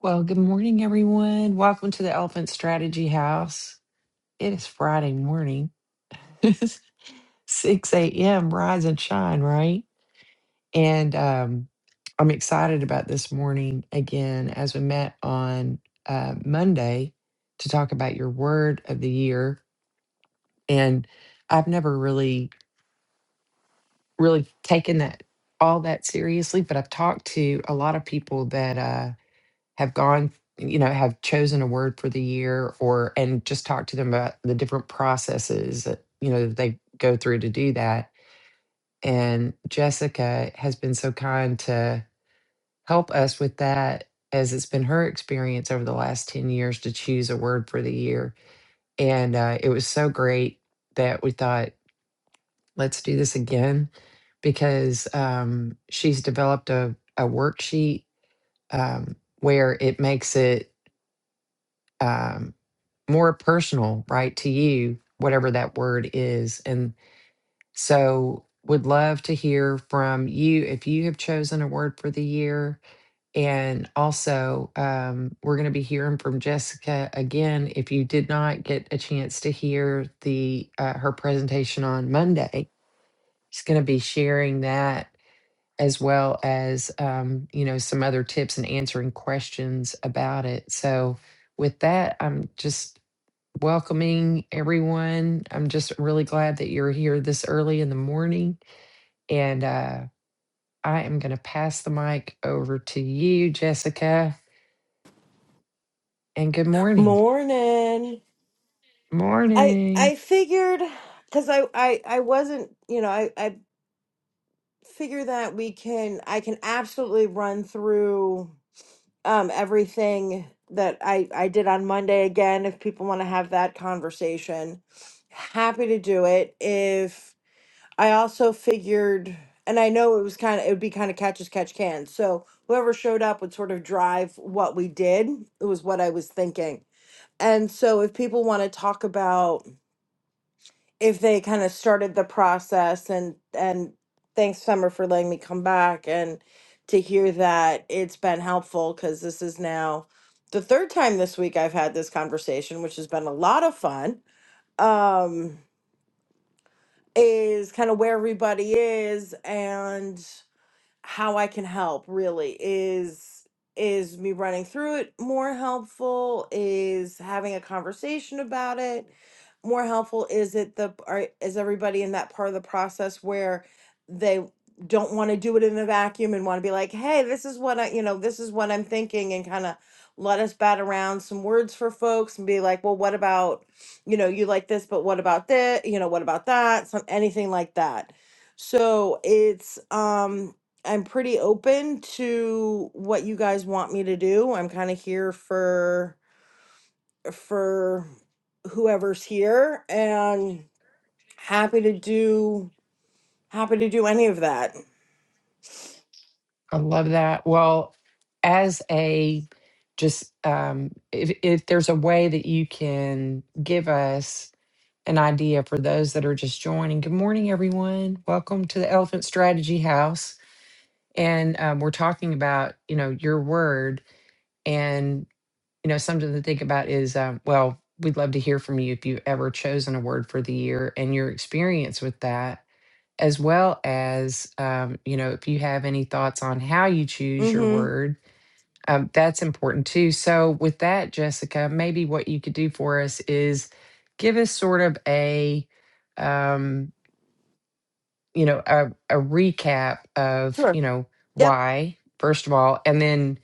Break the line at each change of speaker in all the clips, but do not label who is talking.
Well, good morning, everyone. Welcome to the Elephant Strategy House. It is Friday morning, it's 6 a.m. Rise and shine, right? And um, I'm excited about this morning again as we met on uh, Monday to talk about your word of the year. And I've never really, really taken that all that seriously, but I've talked to a lot of people that. Uh, have gone you know have chosen a word for the year or and just talk to them about the different processes that you know that they go through to do that and jessica has been so kind to help us with that as it's been her experience over the last 10 years to choose a word for the year and uh, it was so great that we thought let's do this again because um, she's developed a, a worksheet um, where it makes it um, more personal, right, to you, whatever that word is. And so would love to hear from you if you have chosen a word for the year. And also, um, we're going to be hearing from Jessica again. If you did not get a chance to hear the uh, her presentation on Monday, she's going to be sharing that as well as um, you know some other tips and answering questions about it. So with that, I'm just welcoming everyone. I'm just really glad that you're here this early in the morning. And uh, I am going to pass the mic over to you, Jessica. And good morning.
Morning. I
Morning.
I figured because I, I I wasn't you know I I figure that we can I can absolutely run through um everything that I I did on Monday again if people want to have that conversation. Happy to do it. If I also figured and I know it was kind of it would be kind of catch as catch can. So whoever showed up would sort of drive what we did. It was what I was thinking. And so if people want to talk about if they kind of started the process and and thanks summer for letting me come back and to hear that it's been helpful because this is now the third time this week i've had this conversation which has been a lot of fun um is kind of where everybody is and how I can help really is is me running through it more helpful is having a conversation about it more helpful is it the are, is everybody in that part of the process where they don't want to do it in a vacuum and want to be like hey this is what I you know this is what I'm thinking and kind of let us bat around some words for folks and be like well what about you know you like this but what about this you know what about that some anything like that so it's um I'm pretty open to what you guys want me to do. I'm kind of here for for whoever's here and happy to do happy to do any of that.
I love that. Well, as a just um, if, if there's a way that you can give us an idea for those that are just joining, good morning, everyone. Welcome to the Elephant Strategy House. And um, we're talking about, you know, your word And, you know, something to think about is, um, well, we'd love to hear from you if you've ever chosen a word for the year and your experience with that, as well as, um, you know, if you have any thoughts on how you choose your
Mhm.
word, um, that's important too. So, with that, Jessica, maybe what you could do for us is give us sort of a, um, you know, a, a recap of,
Sure.
you know,
Yep.
why, first of all, and then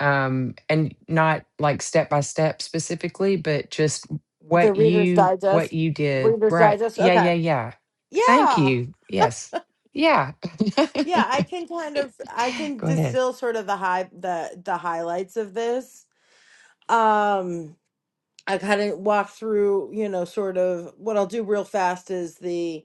um, and not like step by step specifically, but just
The
what
Reader's
you what
Digest.
you did.
Reader's
Right.
Digest.
Yeah, yeah,
Okay.
yeah. Thank
Yeah.
you. Yes. Yeah.
Yeah, I can kind of I can
Go ahead.
distill sort of the high the the highlights of this. Um I kind of walk through, you know, sort of what I'll do real fast is the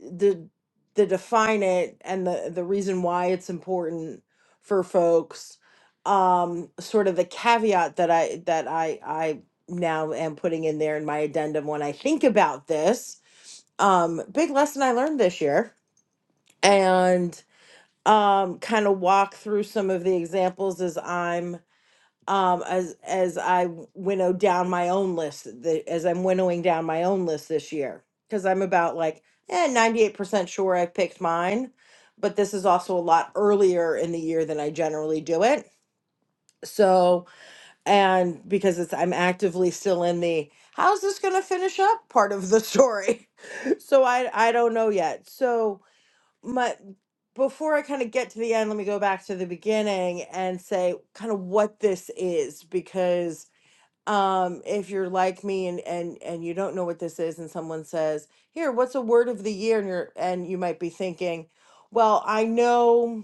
the the define it and the the reason why it's important for folks um sort of the caveat that i that i i now am putting in there in my addendum when i think about this um big lesson i learned this year and um kind of walk through some of the examples as i'm um, as as I winnow down my own list, the, as I'm winnowing down my own list this year, because I'm about like eh, 98% sure I've picked mine, but this is also a lot earlier in the year than I generally do it. So, and because it's I'm actively still in the how's this going to finish up part of the story. so I I don't know yet. So my before I kind of get to the end, let me go back to the beginning and say kind of what this is because um if you're like me and and and you don't know what this is and someone says here what's a word of the year and you're and you might be thinking well i know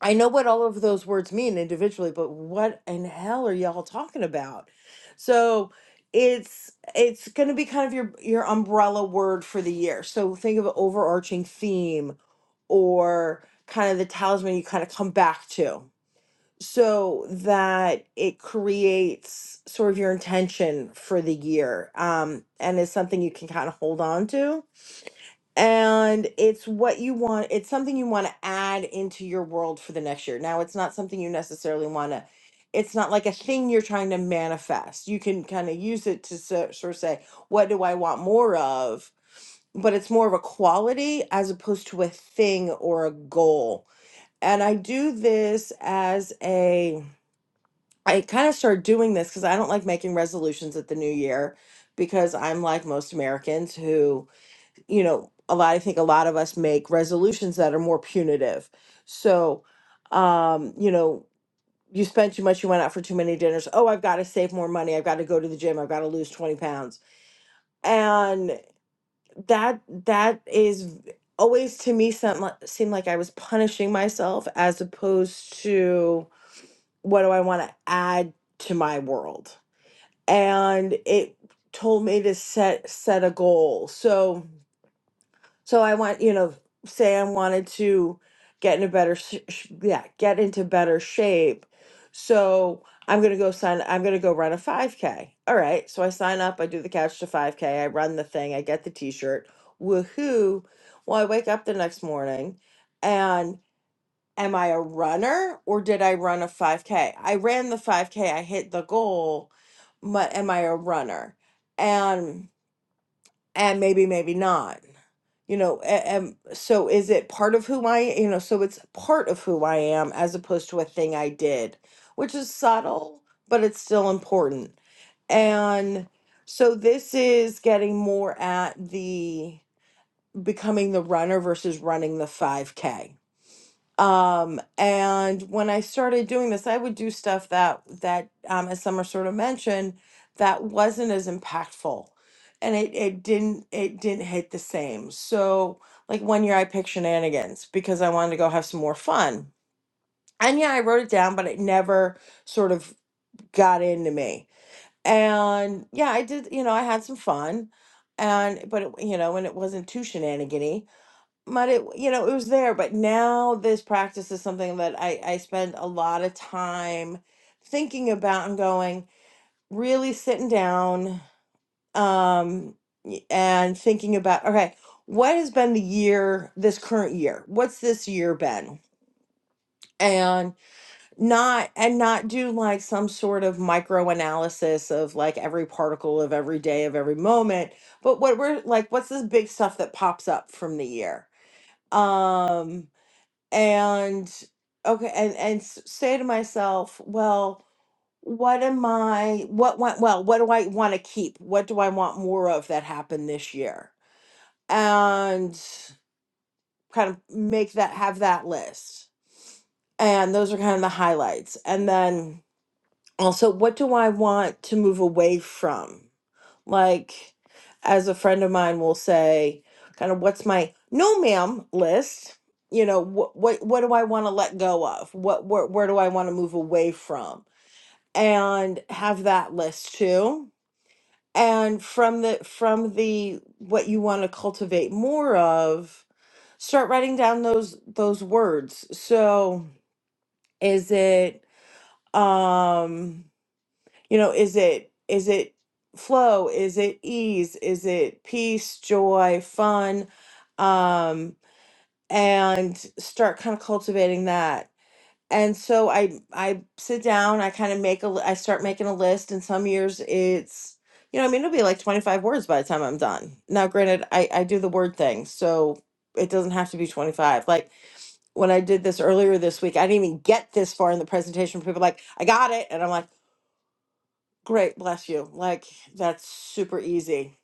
i know what all of those words mean individually but what in hell are y'all talking about so it's it's going to be kind of your your umbrella word for the year so think of an overarching theme or kind of the talisman you kind of come back to so that it creates sort of your intention for the year um, and is something you can kind of hold on to. And it's what you want, it's something you want to add into your world for the next year. Now, it's not something you necessarily want to, it's not like a thing you're trying to manifest. You can kind of use it to so- sort of say, what do I want more of? But it's more of a quality as opposed to a thing or a goal. And I do this as a, I kind of started doing this because I don't like making resolutions at the new year because I'm like most Americans who, you know, a lot I think a lot of us make resolutions that are more punitive. So, um, you know, you spent too much, you went out for too many dinners. Oh, I've got to save more money. I've got to go to the gym. I've got to lose 20 pounds. And that that is v- always to me seemed like, seemed like I was punishing myself as opposed to what do I want to add to my world? and it told me to set set a goal. So so I want you know, say I wanted to get in a better sh- sh- yeah, get into better shape. So I'm going to go sign I'm going to go run a 5k. All right. So I sign up, I do the couch to 5k, I run the thing, I get the t-shirt. Woohoo. Well, I wake up the next morning and am I a runner or did I run a 5K? I ran the 5K, I hit the goal, but am I a runner? And and maybe maybe not. You know, and, so is it part of who I, you know, so it's part of who I am as opposed to a thing I did, which is subtle, but it's still important. And so this is getting more at the becoming the runner versus running the 5K um, and when I started doing this, I would do stuff that that um, as Summer sort of mentioned, that wasn't as impactful, and it it didn't it didn't hit the same. So like one year, I picked shenanigans because I wanted to go have some more fun. And yeah, I wrote it down, but it never sort of got into me. And yeah, I did. You know, I had some fun, and but it, you know, and it wasn't too shenanigan but it you know it was there but now this practice is something that i i spend a lot of time thinking about and going really sitting down um y- and thinking about okay what has been the year this current year what's this year been and not and not do like some sort of micro analysis of like every particle of every day of every moment but what we're like what's this big stuff that pops up from the year Um and okay and and s- say to myself well what am i what want well what do i want to keep what do i want more of that happened this year and kind of make that have that list and those are kind of the highlights and then also what do i want to move away from like as a friend of mine will say kind of what's my no ma'am list you know what what what do i want to let go of what where, where do i want to move away from and have that list too and from the from the what you want to cultivate more of start writing down those those words so is it um you know is it is it flow is it ease is it peace joy fun um and start kind of cultivating that and so i i sit down i kind of make a li- i start making a list and some years it's you know i mean it'll be like 25 words by the time i'm done now granted i i do the word thing so it doesn't have to be 25 like when i did this earlier this week i didn't even get this far in the presentation people were like i got it and i'm like Great, bless you. Like that's super easy.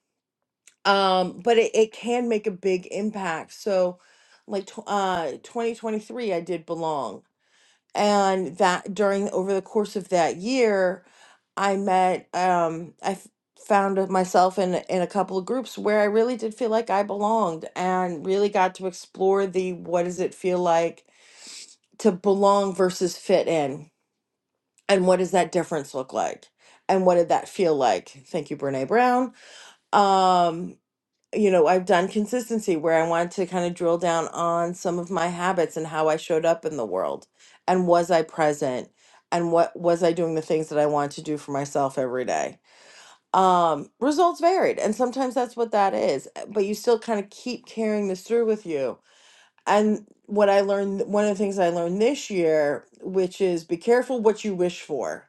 Um, but it, it can make a big impact. So like tw- uh 2023 I did belong. And that during over the course of that year, I met um I f- found myself in in a couple of groups where I really did feel like I belonged and really got to explore the what does it feel like to belong versus fit in and what does that difference look like? And what did that feel like? Thank you, Brene Brown um you know i've done consistency where i wanted to kind of drill down on some of my habits and how i showed up in the world and was i present and what was i doing the things that i want to do for myself every day um results varied and sometimes that's what that is uh, but you still kind of keep carrying this through with you and what i learned one of the things i learned this year which is be careful what you wish for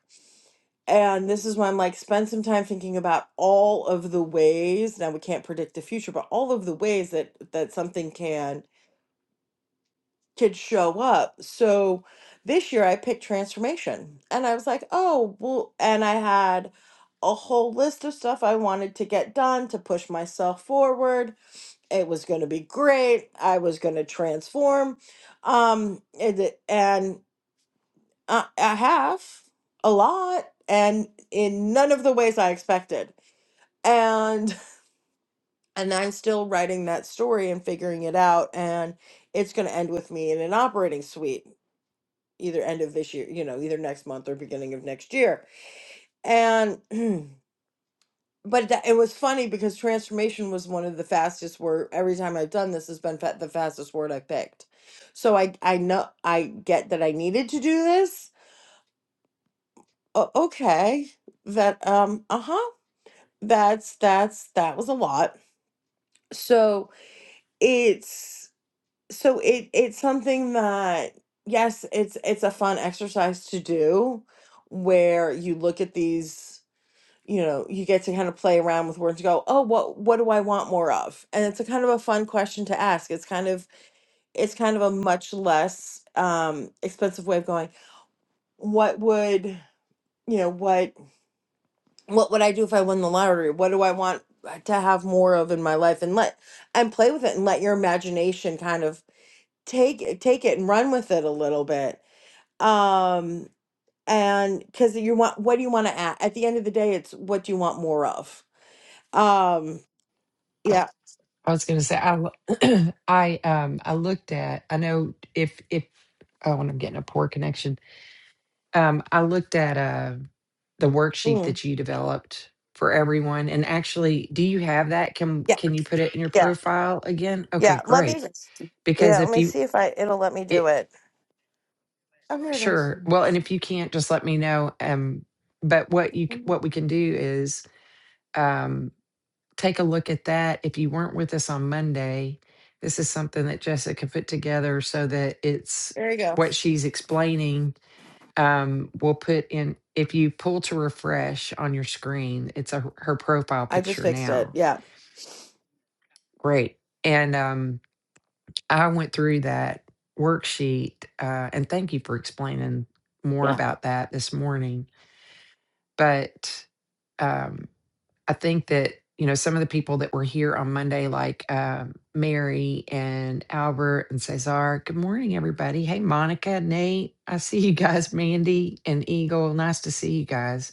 and this is why I'm like, spend some time thinking about all of the ways. Now we can't predict the future, but all of the ways that that something can can show up. So this year I picked transformation, and I was like, oh well, and I had a whole list of stuff I wanted to get done to push myself forward. It was going to be great. I was going to transform, um, and it- and I, I have a lot, and in none of the ways I expected and and i'm still writing that story and figuring it out and it's going to end with me in an operating suite either end of this year you know either next month or beginning of next year and but that, it was funny because transformation was one of the fastest word every time i've done this has been fa- the fastest word i picked so i i know i get that i needed to do this o- okay that um uh-huh that's that's that was a lot so it's so it it's something that yes it's it's a fun exercise to do where you look at these you know you get to kind of play around with words and go oh what what do i want more of and it's a kind of a fun question to ask it's kind of it's kind of a much less um expensive way of going what would you know what what would i do if i won the lottery what do i want to have more of in my life and let and play with it and let your imagination kind of take take it and run with it a little bit um and because you want what do you want to add at the end of the day it's what do you want more of um
I,
yeah
I was going to say I lo- I um I looked at I know if if oh when I'm getting a poor connection. Um I looked at uh the worksheet
mm,
that you developed for everyone and actually do you have that can
yeah
can you put it in your
yeah
profile again? Okay,
yeah let me
great because
yeah let
if
me
you
see if i it'll let me do
it
it oh here it is
sure well and if you can't just let me know um but what you c-
Mm,
what we can do is um take a look at that if you weren't with us on monday this is something that jessica put together so that it's
there you go
what she's explaining um we'll put in if you pull to refresh on your screen it's a, her profile
i just
picture
fixed it
now
yeah
great and um. I went through that worksheet, uh, and thank you for explaining more
yeah
about that this morning. But um, I think that you know some of the people that were here on Monday, like um, Mary and Albert and Cesar. Good morning, everybody. Hey, Monica, Nate. I see you guys, Mandy and Eagle. Nice to see you guys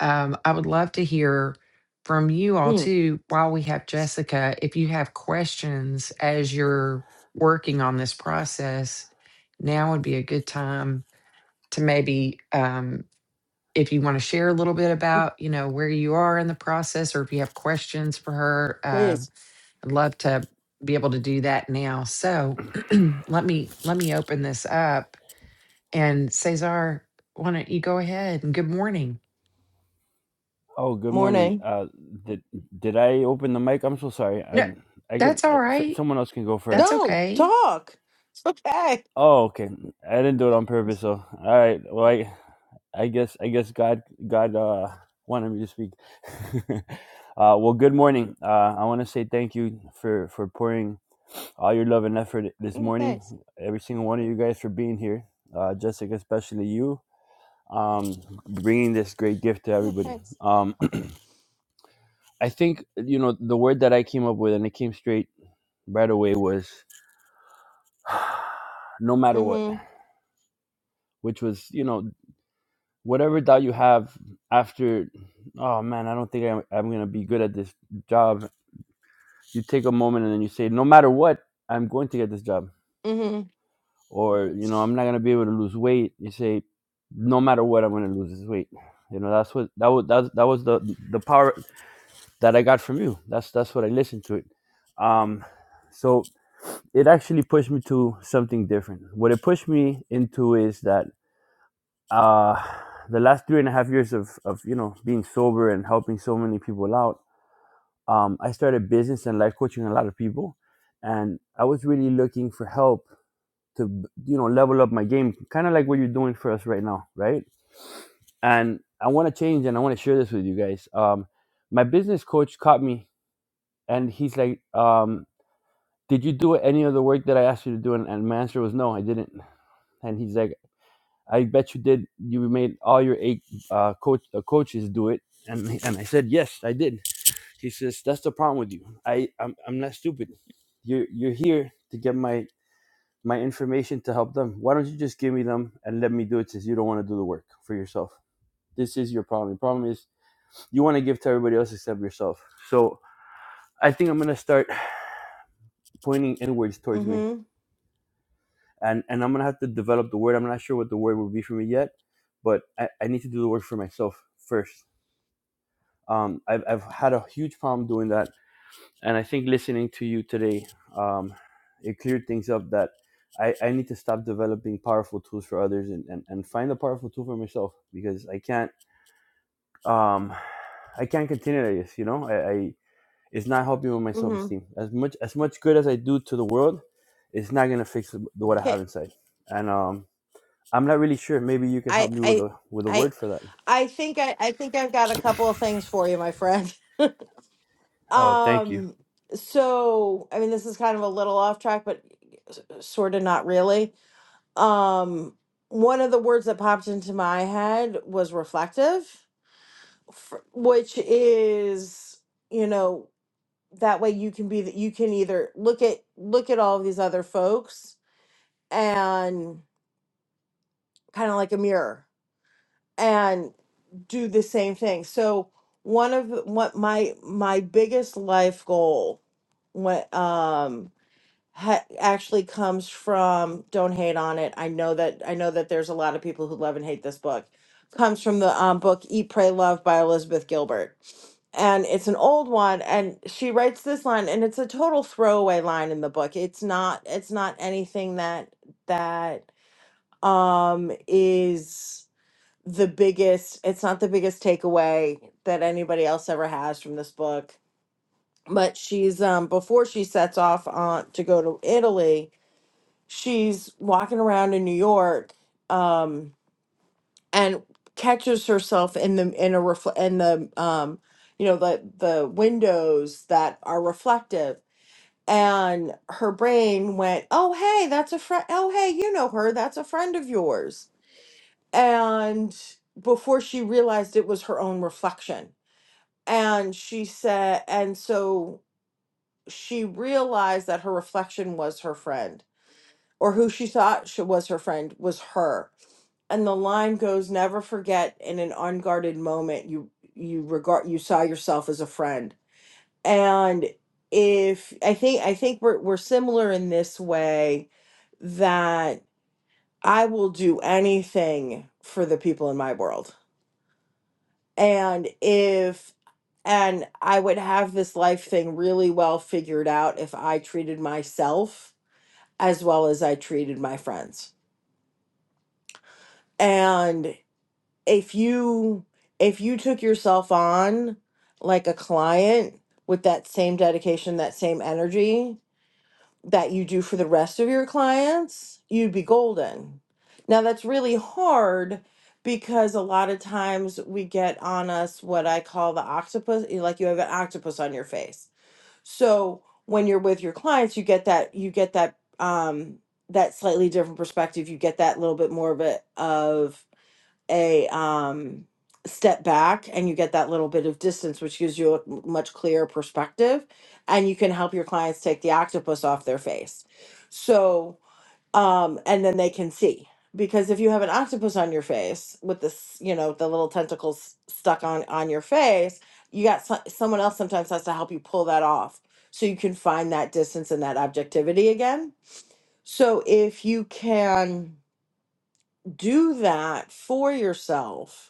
um, I would love to hear from you all
mm,
too while we have Jessica. If you have questions as you're working on this process, now would be a good time to maybe, um, if you want to share a little bit about, you know, where you are in the process, or if you have questions for her, uh,
please
I'd love to be able to do that now. So let me let me open this up. And Cesar, why don't you go ahead and good morning?
Oh, good morning.
morning
Uh, did did I open the mic? I'm so sorry. I
No,
I can
that's all
I, s-
right.
someone else can go first.
That's
no
okay.
talk it's okay
Oh, okay. I didn't do it on purpose. So, all right. Well, I I guess I guess God God uh wanted me to speak. uh, well, good morning. Uh, I want to say thank you for for pouring all your love and effort this
no
morning.
thanks
Every single one of you guys for being here. Uh, Jessica, especially you, um, bringing this great gift to
no
everybody.
thanks
Um, I think you know the word that I came up with, and it came straight right away, was no matter what,
mm-hmm
which was you know whatever doubt you have after, oh man, I don't think I'm, I'm gonna be good at this job. You take a moment and then you say, no matter what, I'm going to get this job,
mm-hmm
or you know I'm not gonna be able to lose weight. You say, no matter what, I'm gonna lose this weight. You know that's what that was that, that was the the power that I got from you. That's that's what I listened to it. Um, so it actually pushed me to something different. What it pushed me into is that uh, the last three and a half years of, of you know being sober and helping so many people out, um, I started business and life coaching a lot of people, and I was really looking for help to you know level up my game, kind of like what you're doing for us right now, right? And I want to change, and I want to share this with you guys. Um, my business coach caught me, and he's like, um, "Did you do any of the work that I asked you to do?" And, and my answer was no, I didn't. And he's like I bet you did. You made all your eight uh, coach uh, coaches do it." And and I said, "Yes, I did." He says, "That's the problem with you. I I'm I'm not stupid. You're you're here to get my my information to help them. Why don't you just give me them and let me do it since you don't want to do the work for yourself? This is your problem. The problem is you want to give to everybody else except yourself. So I think I'm gonna start pointing inwards towards me,
mm-hmm
and and I'm gonna have to develop the word. I'm not sure what the word will be for me yet, but I, I need to do the work for myself first um, I've, I've had a huge problem doing that and i think listening to you today um, it cleared things up that I, I need to stop developing powerful tools for others and, and, and find a powerful tool for myself because i can't um, i can't continue like this you know I, I it's not helping with my
mm-hmm
self-esteem as much as much good as i do to the world it's not going to fix the- what i have inside and um, i'm not really sure maybe you can help
I
me with
I
a with a
I
word for that
I think I, I think I've got a couple of things for you, my friend.
oh thank you
Um so I mean this is kind of a little off track, but sort of not really. Um one of the words that popped into my head was reflective, f- which is, you know, that way you can be that you can either look at look at all of these other folks and kind of like a mirror do the same thing. So one of what my my biggest life goal what um ha- actually comes from don't hate on it. I know that I know that there's a lot of people who love and hate this book. Comes from the um, book Eat Pray Love by Elizabeth Gilbert. And it's an old one and she writes this line and it's a total throwaway line in the book. It's not it's not anything that that um is the biggest it's not the biggest takeaway that anybody else ever has from this book but she's um before she sets off on to go to Italy she's walking around in New York um and catches herself in the in a refl- in the um you know the the windows that are reflective and her brain went oh hey that's a friend oh hey you know her that's a friend of yours and before she realized it was her own reflection and she said and so she realized that her reflection was her friend or who she thought she was her friend was her and the line goes never forget in an unguarded moment you you regard you saw yourself as a friend and if i think i think we're, we're similar in this way that i will do anything for the people in my world and if and I would have this life thing really well figured out if I treated myself as well as I treated my friends. And if you if you took yourself on like a client with that same dedication, that same energy, that you do for the rest of your clients, you'd be golden. Now, that's really hard because a lot of times we get on us what I call the octopus, you- know, like you have an octopus on your face. So when you're with your clients, you get that, you get that, um, that slightly different perspective. You get that little bit more of it of a um step back and you get that little bit of distance which gives you a m- much clearer perspective and you can help your clients take the octopus off their face so um and then they can see because if you have an octopus on your face with this you know the little tentacles stuck on on your face you got so- someone else sometimes has to help you pull that off so you can find that distance and that objectivity again so if you can do that for yourself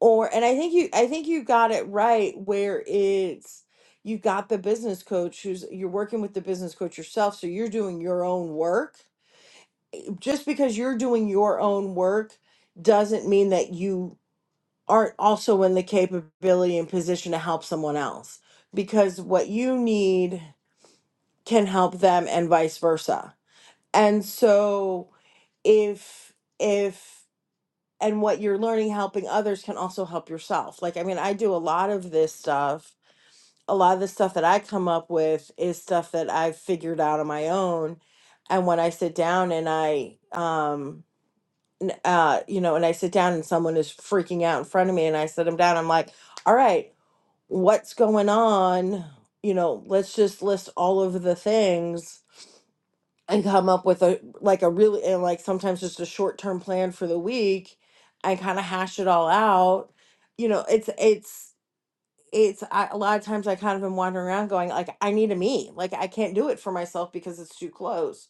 or and i think you i think you got it right where it's you got the business coach who's you're working with the business coach yourself so you're doing your own work just because you're doing your own work doesn't mean that you aren't also in the capability and position to help someone else because what you need can help them and vice versa and so if if and what you're learning helping others can also help yourself. Like, I mean, I do a lot of this stuff. A lot of the stuff that I come up with is stuff that I've figured out on my own. And when I sit down and I, um, n- uh, you know, and I sit down and someone is freaking out in front of me and I sit them down, I'm like, all right, what's going on? You know, let's just list all of the things and come up with a like a really and like sometimes just a short term plan for the week and kind of hash it all out. You know, it's it's it's I, a lot of times I kind of am wandering around going like I need a me like I can't do it for myself because it's too close.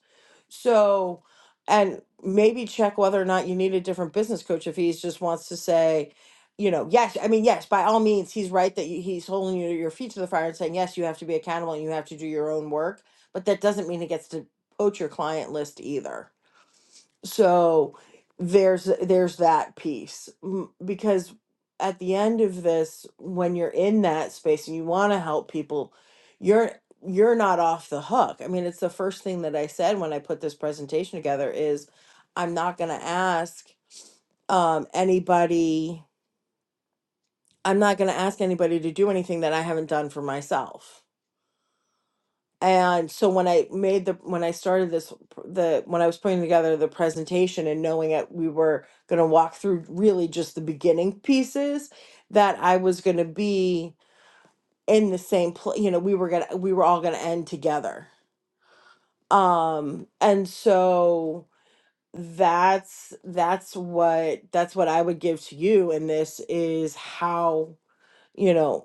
So and maybe check whether or not you need a different business coach if he just wants to say, you know, yes, I mean yes, by all means he's right that you, he's holding you, your feet to the fire and saying yes, you have to be accountable and you have to do your own work, but that doesn't mean he gets to poach your client list either so there's there's that piece M- because at the end of this when you're in that space and you want to help people you're you're not off the hook i mean it's the first thing that i said when i put this presentation together is i'm not going to ask um, anybody i'm not going to ask anybody to do anything that i haven't done for myself And so when I made the when I started this the when I was putting together the presentation and knowing that we were going to walk through really just the beginning pieces that I was going to be in the same place, you know, we were going to we were all going to end together. Um and so that's that's what that's what I would give to you and this is how, you know,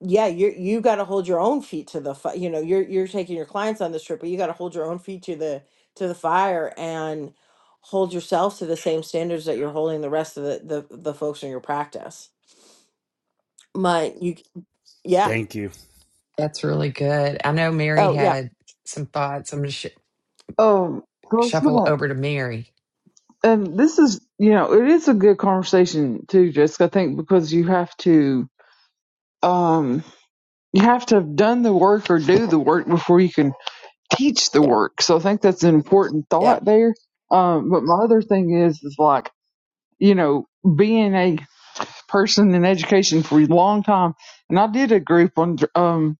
yeah, you you got to hold your own feet to the fi- you know you're you're taking your clients on this trip, but you got to hold your own feet to the to the fire and hold yourself to the same standards that you're holding the rest of the the, the folks in your practice. My you yeah
Thank you.
That's really good. I know Mary
oh yeah
had some thoughts. I'm going to sh-
Um, so it's been
shuffle over to Mary.
and this is, you know, it is a good conversation too, Jessica. I think because you have to, um, you have to have done the work or do the work before you can teach the
yeah
work. So I think that's an important
yeah
thought there. Um, but my other thing is, is like, you know, being a person in education for a long time, and I did a group on um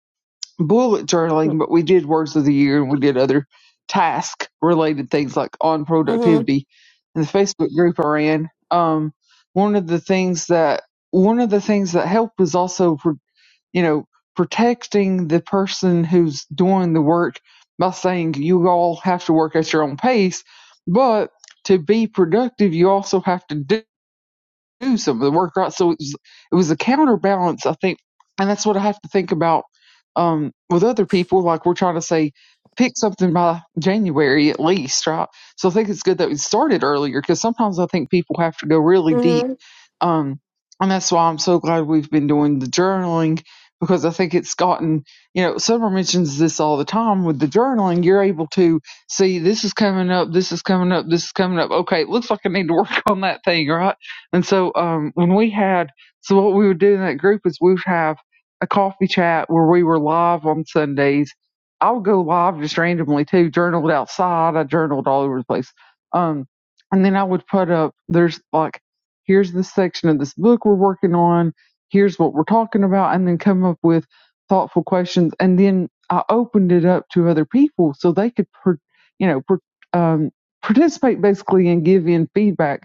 bullet
hmm
journaling, but we did words of the year and we did other task related things like on
hmm
productivity in the Facebook group I ran. Um, one of the things that one of the things that helped was also pro- you know protecting the person who's doing the work by saying you all have to work at your own pace, but to be productive, you also have to do do some of the work, right? So it was, it was a counterbalance, I think, and that's what I have to think about um, with other people. Like we're trying to say, pick something by January at least, right? So I think it's good that we started earlier because sometimes I think people have to go really deep,
hmm
um, and that's why I'm so glad we've been doing the journaling because I think it's gotten, you know, Summer mentions this all the time with the journaling. You're able to see this is coming up, this is coming up, this is coming up. Okay, it looks like I need to work on that thing, right? And so um, when we had, so what we would do in that group is we would have a coffee chat where we were live on Sundays. I would go live just randomly too, journaled outside. I journaled all over the place. Um, and then I would put up, there's like, here's this section of this book we're working on. Here's what we're talking about. And then come up with thoughtful questions. And then I opened it up to other people so they could, per, you know, per, um, participate basically and give in feedback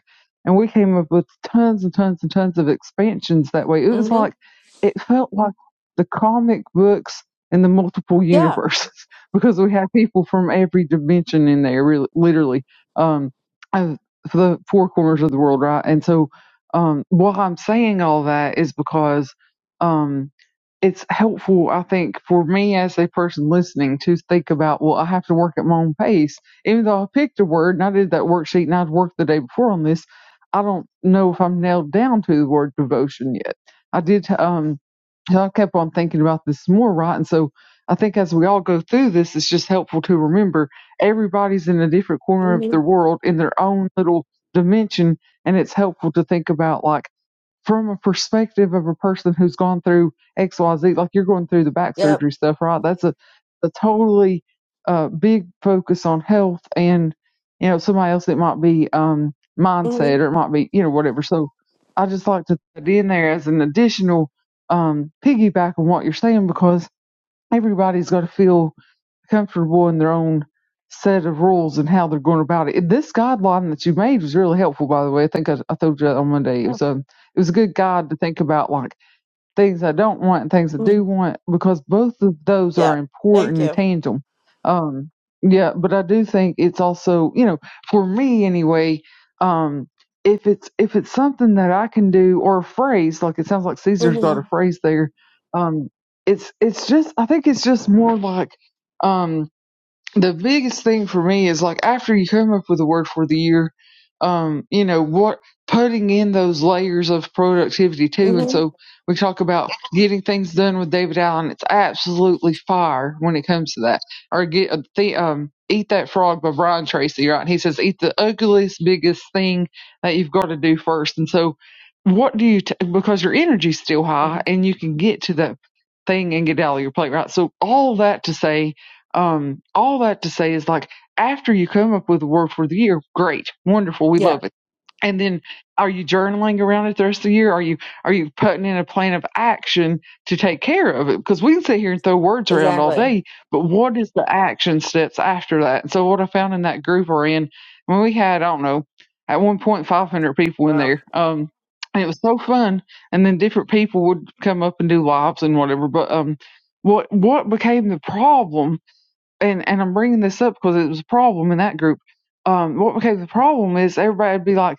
and we came up with tons and tons and tons of expansions that way. It was like it felt like the comic books and the multiple
yeah
universes because we had people from every dimension in there, really, literally, um, of- for the four corners of the world, right? And so, um, why I'm saying all that is because um, it's helpful, I think, for me as a person listening to think about, well, I have to work at my own pace. Even though I picked a word and I did that worksheet and I'd worked the day before on this, I don't know if I'm nailed down to the word devotion yet. I did, um, so I kept on thinking about this more, right? And so I think as we all go through this, it's just helpful to remember everybody's in a different corner of
mm-hmm
the world in their own little dimension. And it's helpful to think about like, from a perspective of a person who's gone through XYZ, like you're going through the back
yep
surgery stuff, right? That's a, a totally uh, big focus on health and, you know, somebody else, it might be um,
hmm
mindset or it might be, you know, whatever. So I just like to put it in there as an additional um, piggyback on what you're saying because everybody's got to feel comfortable in their own set of rules and how they're going about it. This guideline that you made was really helpful, by the way. I think I, I told you that on Monday. It
yeah
was a it was a good guide to think about like things I don't want and things I do
mhm,
want because both of those
yeah.
are
thank
important and
you
tangible. Um, yeah, but I do think it's also you know for me anyway. Um, if it's if it's something that I can do or a phrase like it sounds like Caesar's got a
mm-hmm
phrase there. Um, it's it's just I think it's just more like. Um, the biggest thing for me is like after you come up with a word for the year, um, you know, what putting in those layers of productivity too. And
hmm
so we talk about getting things done with David Allen. It's absolutely fire when it comes to that. Or get uh, the um, eat that frog by Brian Tracy, right? He says eat the ugliest, biggest thing that you've got to do first. And so what do you t- because your energy's still high and you can get to that thing and get out of your plate, right? So all that to say um, all that to say is like after you come up with a word for the year, great, wonderful, we
yeah
love it. And then are you journaling around it the rest of the year? Are you are you putting in a plan of action to take care of it? Because we can sit here and throw words around all
exactly
day, but what is the action steps after that? And so what I found in that group we're in, when we had, I don't know, at one point five hundred people in
wow
there. Um and it was so fun. And then different people would come up and do lives and whatever. But um what what became the problem and and I'm bringing this up because it was a problem in that group. Um, what became the problem is everybody'd be like,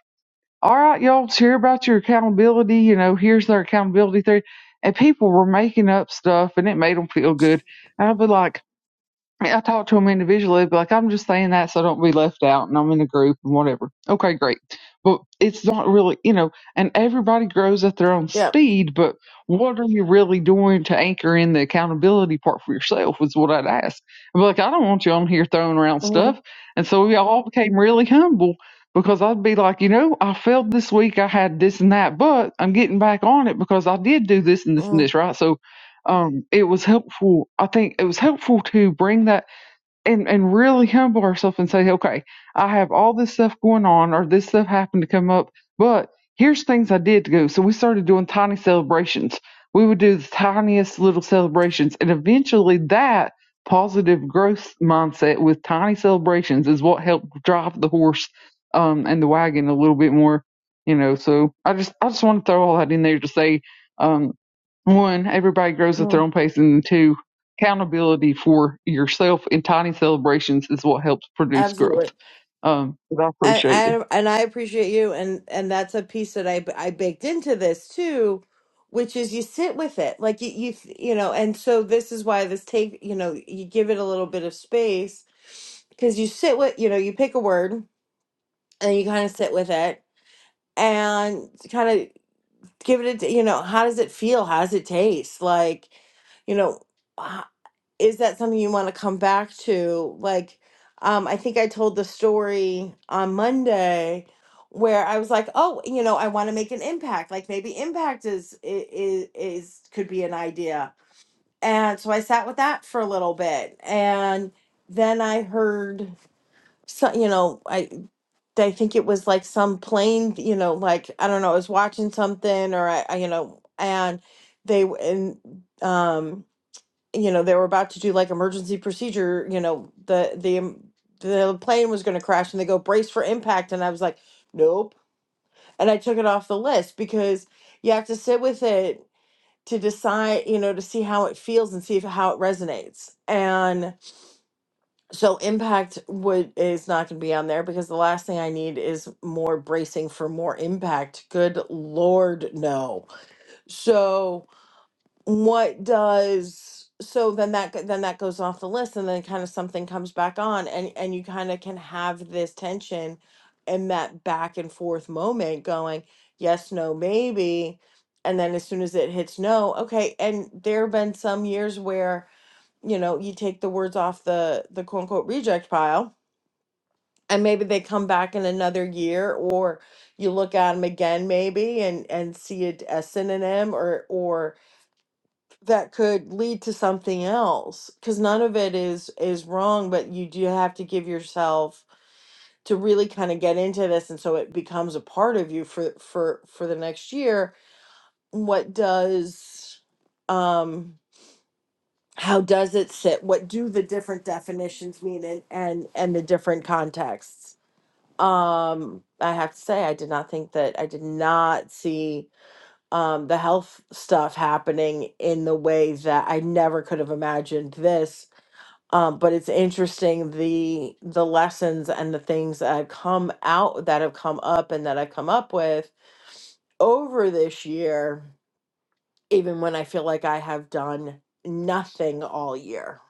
"All right, y'all, let's hear about your accountability. You know, here's their accountability theory," and people were making up stuff, and it made them feel good. And I'd be like, I talked to them individually, but like I'm just saying that so I don't be left out and I'm in a group and whatever. Okay, great. But it's not really, you know, and everybody grows at their own
yep
speed, but what are you really doing to anchor in the accountability part for yourself is what I'd ask. But like, I don't want you on here throwing around
mm-hmm,
stuff. And so we all became really humble because I'd be like, you know, I failed this week. I had this and that, but I'm getting back on it because I did do this and this and this, right? So um, it was helpful. I think it was helpful to bring that and and really humble ourselves and say, okay, I have all this stuff going on, or this stuff happened to come up, but here's things I did do. So we started doing tiny celebrations. We would do the tiniest little celebrations, and eventually that positive growth mindset with tiny celebrations is what helped drive the horse um, and the wagon a little bit more. You know, so I just I just want to throw all that in there to say, um, one, everybody grows at their
hmm
own pace, and two, accountability for yourself in tiny celebrations is what helps produce growth.
absolutely
Um, but I
and,
appreciate you.
I and I appreciate you and and that's a piece that I I baked into this too which is you sit with it like you you you know and so this is why this take you know you give it a little bit of space because you sit with you know you pick a word and you kind of sit with it and kind of give it a you know how does it feel how does it taste like you know is that something you want to come back to? Like, um, I think I told the story on Monday where I was like, oh, you know, I want to make an impact. Like maybe impact is is is could be an idea. And so I sat with that for a little bit, and then I heard so you know I I think it was like some plane, you know, like I don't know, I was watching something or I, I you know, and they w- and um you know they were about to do like emergency procedure you know the the um, the plane was going to crash and they go brace for impact and i was like nope and i took it off the list because you have to sit with it to decide you know to see how it feels and see if, how it resonates and so impact would is not going to be on there because the last thing i need is more bracing for more impact good lord no so what does so then that go- then that goes off the list and then kind of something comes back on and and you kind of can have this tension and that back and forth moment going yes no maybe and then as soon as it hits no okay and there have been some years where you know you take the words off the the quote unquote reject pile and maybe they come back in another year or you look at them again maybe and and see it as synonym or or that could lead to something else because none of it is is wrong but you do have to give yourself to really kind of get into this and so it becomes a part of you for for for the next year what does um how does it sit what do the different definitions mean and and and the different contexts um i have to say i did not think that i did not see um, the health stuff happening in the way that I never could have imagined this. Um, but it's interesting the the lessons and the things that have come out that have come up and that I've come up with over this year, even when I feel like I have done nothing all year.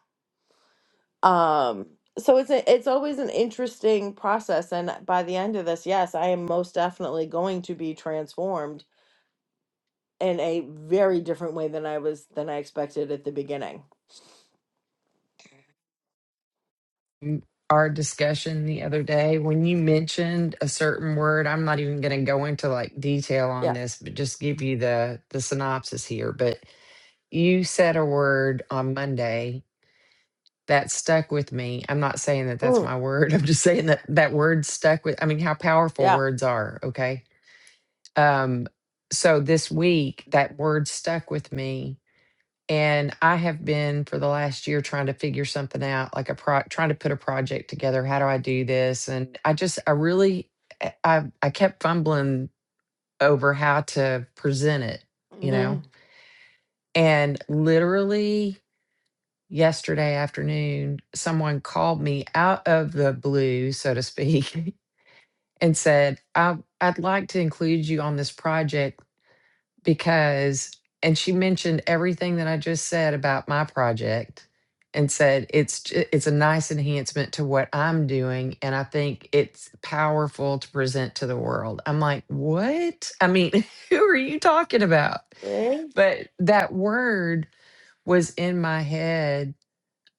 Um, so it's a, it's always an interesting process, and by the end of this, yes, I am most definitely going to be transformed in a very different way than I was than I expected at the beginning.
M- Our discussion the other day, when you mentioned a certain word, I'm not even going to go into like detail on
Yeah.
this, but just give you the the synopsis here. But you said a word on Monday that stuck with me. I'm not saying that that's
Mm,
my word. I'm just saying that that word stuck with. I mean, how powerful
yeah.
words are. Okay. Um. So this week, that word stuck with me And I have been for the last year trying to figure something out, like a pro trying to put a project together. How do I do this? And I just, I really, I, I I kept fumbling over how to present it, you
hmm
know? And literally yesterday afternoon, someone called me out of the blue, so to speak, and said, I, I'd like to include you on this project. because and she mentioned everything that I just said about my project and said it's j- it's a nice enhancement to what I'm doing and I think it's powerful to present to the world. I'm like, "What? I mean, who are you talking about?"
hmm
But that word was in my head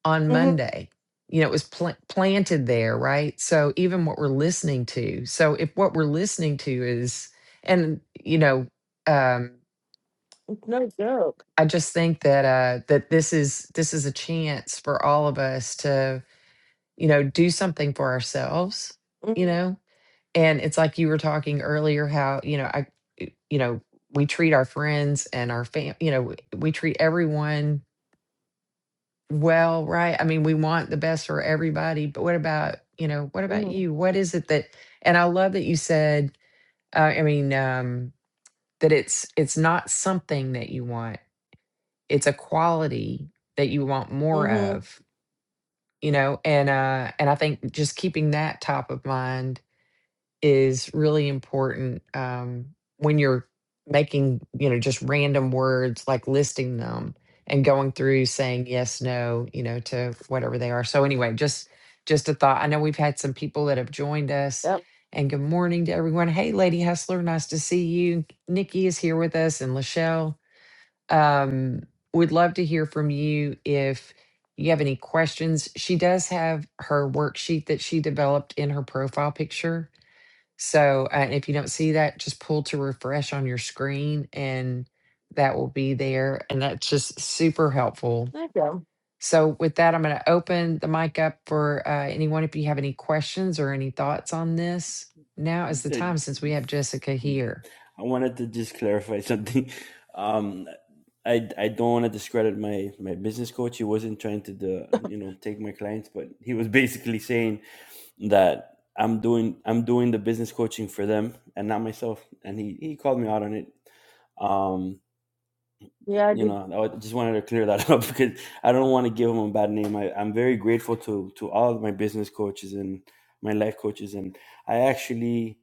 on Monday. You know, it was pl- planted there, right? So even what we're listening to. So if what we're listening to is and you know, um
It's no joke.
I just think that uh that this is this is a chance for all of us to, you know, do something for ourselves, you
hmm
know? And it's like you were talking earlier how, you know, I you know, we treat our friends and our fam, you know, we, we treat everyone well, right? I mean, we want the best for everybody, but what about, you know, what about
hmm
you? What is it that and I love that you said uh, I mean, um that it's it's not something that you want it's a quality that you want more
hmm
of, you know? And uh and I think just keeping that top of mind is really important um when you're making, you know, just random words like listing them and going through saying yes, no, you know, to whatever they are. So anyway, just just a thought. I know we've had some people that have joined us
Yep.
and good morning to everyone. Hey, Lady Hustler, nice to see you. Nikki is here with us and Lachelle um, would love to hear from you if you have any questions. She does have her worksheet that she developed in her profile picture. So uh, if you don't see that, just pull to refresh on your screen and that will be there. And that's just super helpful.
There you go.
So with that, I'm going to open the mic up for uh, anyone if you have any questions or any thoughts on this. Now is the time since we have
Uh,
Jessica here.
I wanted to just clarify something. Um, I I don't want to discredit my my business coach. He wasn't trying to do, you know take my clients, but he was basically saying that I'm doing I'm doing the business coaching for them and not myself. And he he called me out on it. Um,
Yeah, I
you
did.
know, I just wanted to clear that up because I don't want to give him a bad name. I, I'm very grateful to to all of my business coaches and my life coaches, and I actually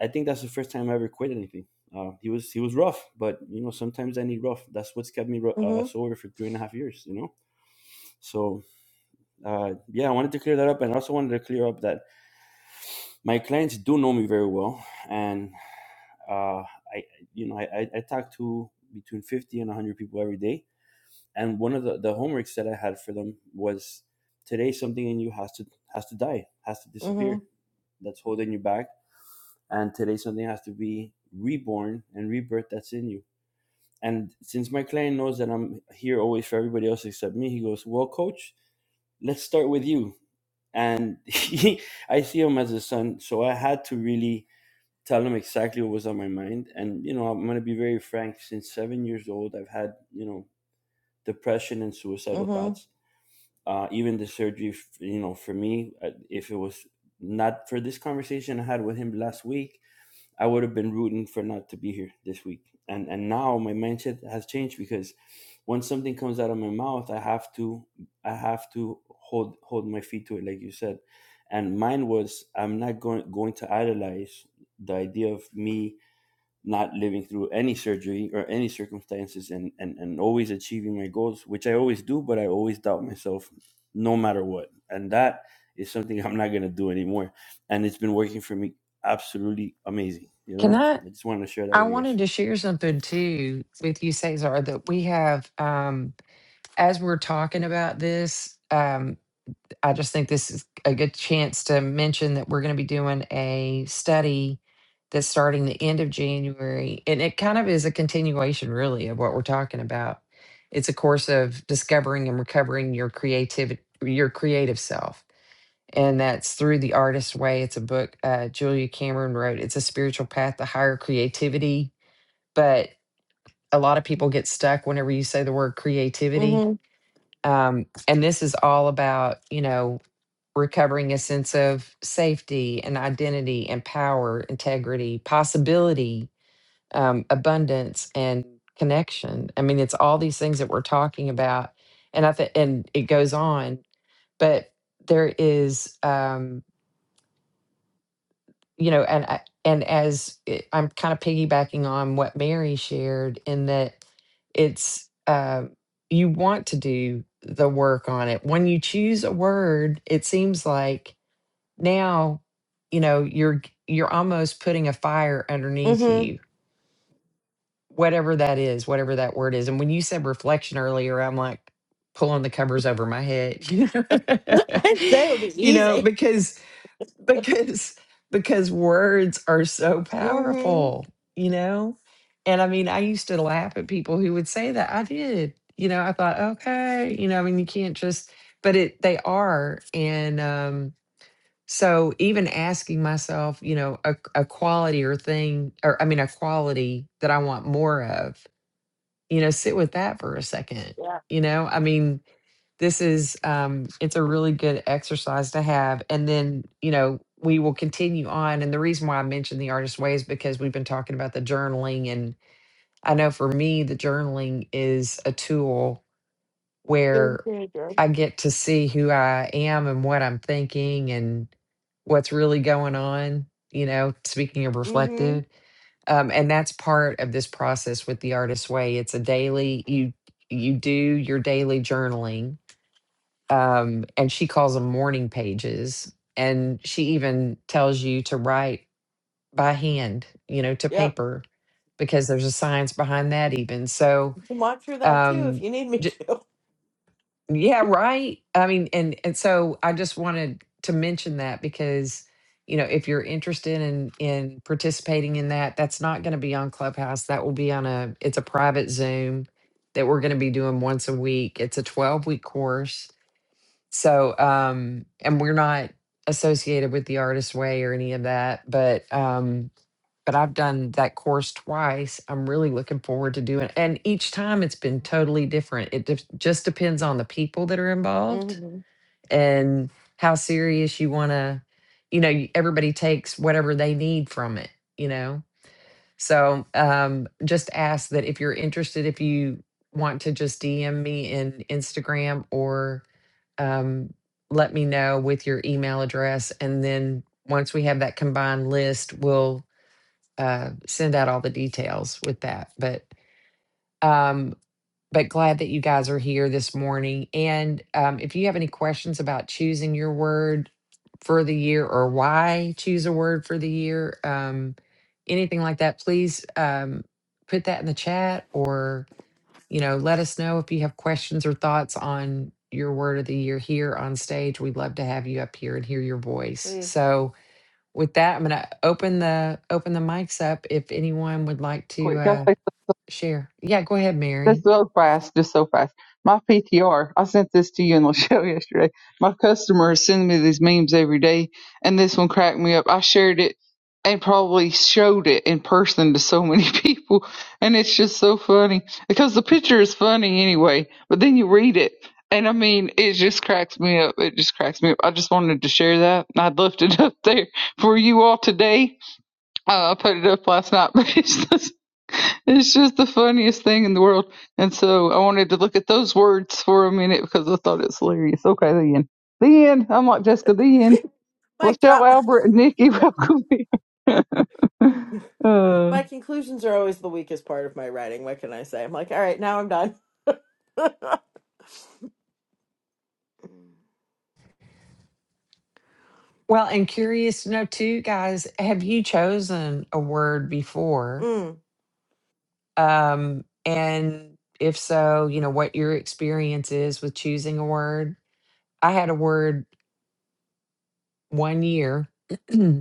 I think that's the first time I ever quit anything. Uh, he was he was rough, but you know sometimes I need rough. That's what's kept me uh,
hmm
sober for three and a half years. You know, so uh, yeah, I wanted to clear that up, and I also wanted to clear up that my clients do know me very well, and uh, I you know I, I, I talk to between fifty and one hundred people every day, and one of the, the homeworks that I had for them was today something in you has to has to die, has to
hmm
disappear that's holding you back and today something has to be reborn and rebirth that's in you. And since my client knows that I'm here always for everybody else except me, he goes, "Well, coach, let's start with you." And he, I see him as a son, so I had to really tell him exactly what was on my mind. And you know, I'm going to be very frank. Since seven years old, I've had you know depression and suicidal
hmm
thoughts. Uh, even the surgery, you know, for me, uh, if it was not for this conversation I had with him last week, I would have been rooting for not to be here this week. And and now my mindset has changed because when something comes out of my mouth, I have to I have to hold hold my feet to it, like you said. And mine was I'm not going going to idolize the idea of me not living through any surgery or any circumstances and, and, and always achieving my goals, which I always do, but I always doubt myself no matter what. And that is something I'm not going to do anymore. And it's been working for me absolutely amazing. You
Can
know,
I?
I just wanted to share that
I
with you guys.
wanted to share something too with you, Cesar, that we have, um, as we're talking about this, um, I just think this is a good chance to mention that we're going to be doing a study that's starting the end of January. And it kind of is a continuation, really, of what we're talking about. It's a course of discovering and recovering your creativity, your creative self. And that's through The Artist Way. It's a book uh, Julia Cameron wrote. It's a spiritual path to higher creativity. But a lot of people get stuck whenever you say the word creativity.
hmm
Um, and this is all about, you know, recovering a sense of safety and identity and power, integrity, possibility, um, abundance, and connection. I mean, it's all these things that we're talking about. And I think, and it goes on, but there is, um, you know, and I- and as it, I'm kind of piggybacking on what Mary shared in that it's uh, you want to do the work on it. When you choose a word, it seems like now, you know, you're you're almost putting a fire underneath
hmm
you, whatever that is, whatever that word is. And when you said reflection earlier, I'm like pulling the covers over my head, you know,
I'd say it would be
you know,
easy.
because because because words are so
hmm
powerful you know and i mean i used to laugh at people who would say that i did you know i thought okay you know i mean you can't just but it they are and um so even asking myself you know a, a quality or thing or i mean a quality that i want more of you know sit with that for a second
Yeah.
you know i mean this is um it's a really good exercise to have and then you know we will continue on and the reason why i mentioned the artist way is because we've been talking about the journaling and i know for me the journaling is a tool
Good
where
teenager.
i get to see who i am and what i'm thinking and what's really going on you know speaking of
hmm
reflective um, and that's part of this process with the artist way it's a daily you you do your daily journaling um, and she calls them morning pages. And she even tells you to write by hand, you know, to
Yep.
paper, because there's a science behind that, even. So,
You can walk through that too if
um,
you need me
j-
to.
yeah, right. I mean, and and so I just wanted to mention that because you know if you're interested in in participating in that that's not going to be on clubhouse that will be on a it's a private zoom that we're going to be doing once a week it's a 12 week course so, um, and we're not associated with the artist way or any of that, but um, but I've done that course twice. I'm really looking forward to doing and each time it's been totally different. It def- just depends on the people that are involved
hmm
and how serious you want to, you know, y- everybody takes whatever they need from it, you know. So, um, just ask that if you're interested, if you want to just DM me in Instagram or um, let me know with your email address. And then once we have that combined list, we'll uh, send out all the details with that. But um, but glad that you guys are here this morning. And um, if you have any questions about choosing your word for the year or why choose a word for the year, um, anything like that, please um, put that in the chat or you know, let us know if you have questions or thoughts on your word of the year here on stage. We'd love to have you up here and hear your voice.
Please.
So with that, I'm gonna open the open the mics up if anyone would like to
Quick, can
uh
I say something?
share. Yeah, go ahead,
Just
Mary.
so fast, just so fast. My PTR, I sent this to you in the show yesterday. My customer is sending me these memes every day, and this one cracked me up. I shared it and probably showed it in person to so many people, and it's just so funny because the picture is funny anyway, but then you read it. And I mean, it just cracks me up. It just cracks me up. I just wanted to share that, and I left it up there for you all today. Uh, I put it up last night, but it's just. It's just the funniest thing in the world. And so I wanted to look at those words for a minute because I thought it's hilarious. Okay, the end. The end. I'm like Jessica, the end.
Mic
Lachelle,
drop.
Albert, and Nikki, welcome here. uh,
My conclusions are always the weakest part of my writing. What can I say? I'm like, all right, now I'm done.
Well, and curious to know too, guys, have you chosen a word before?
Mm,
Um, and if so, you know, what your experience is with choosing a word. I had a word one year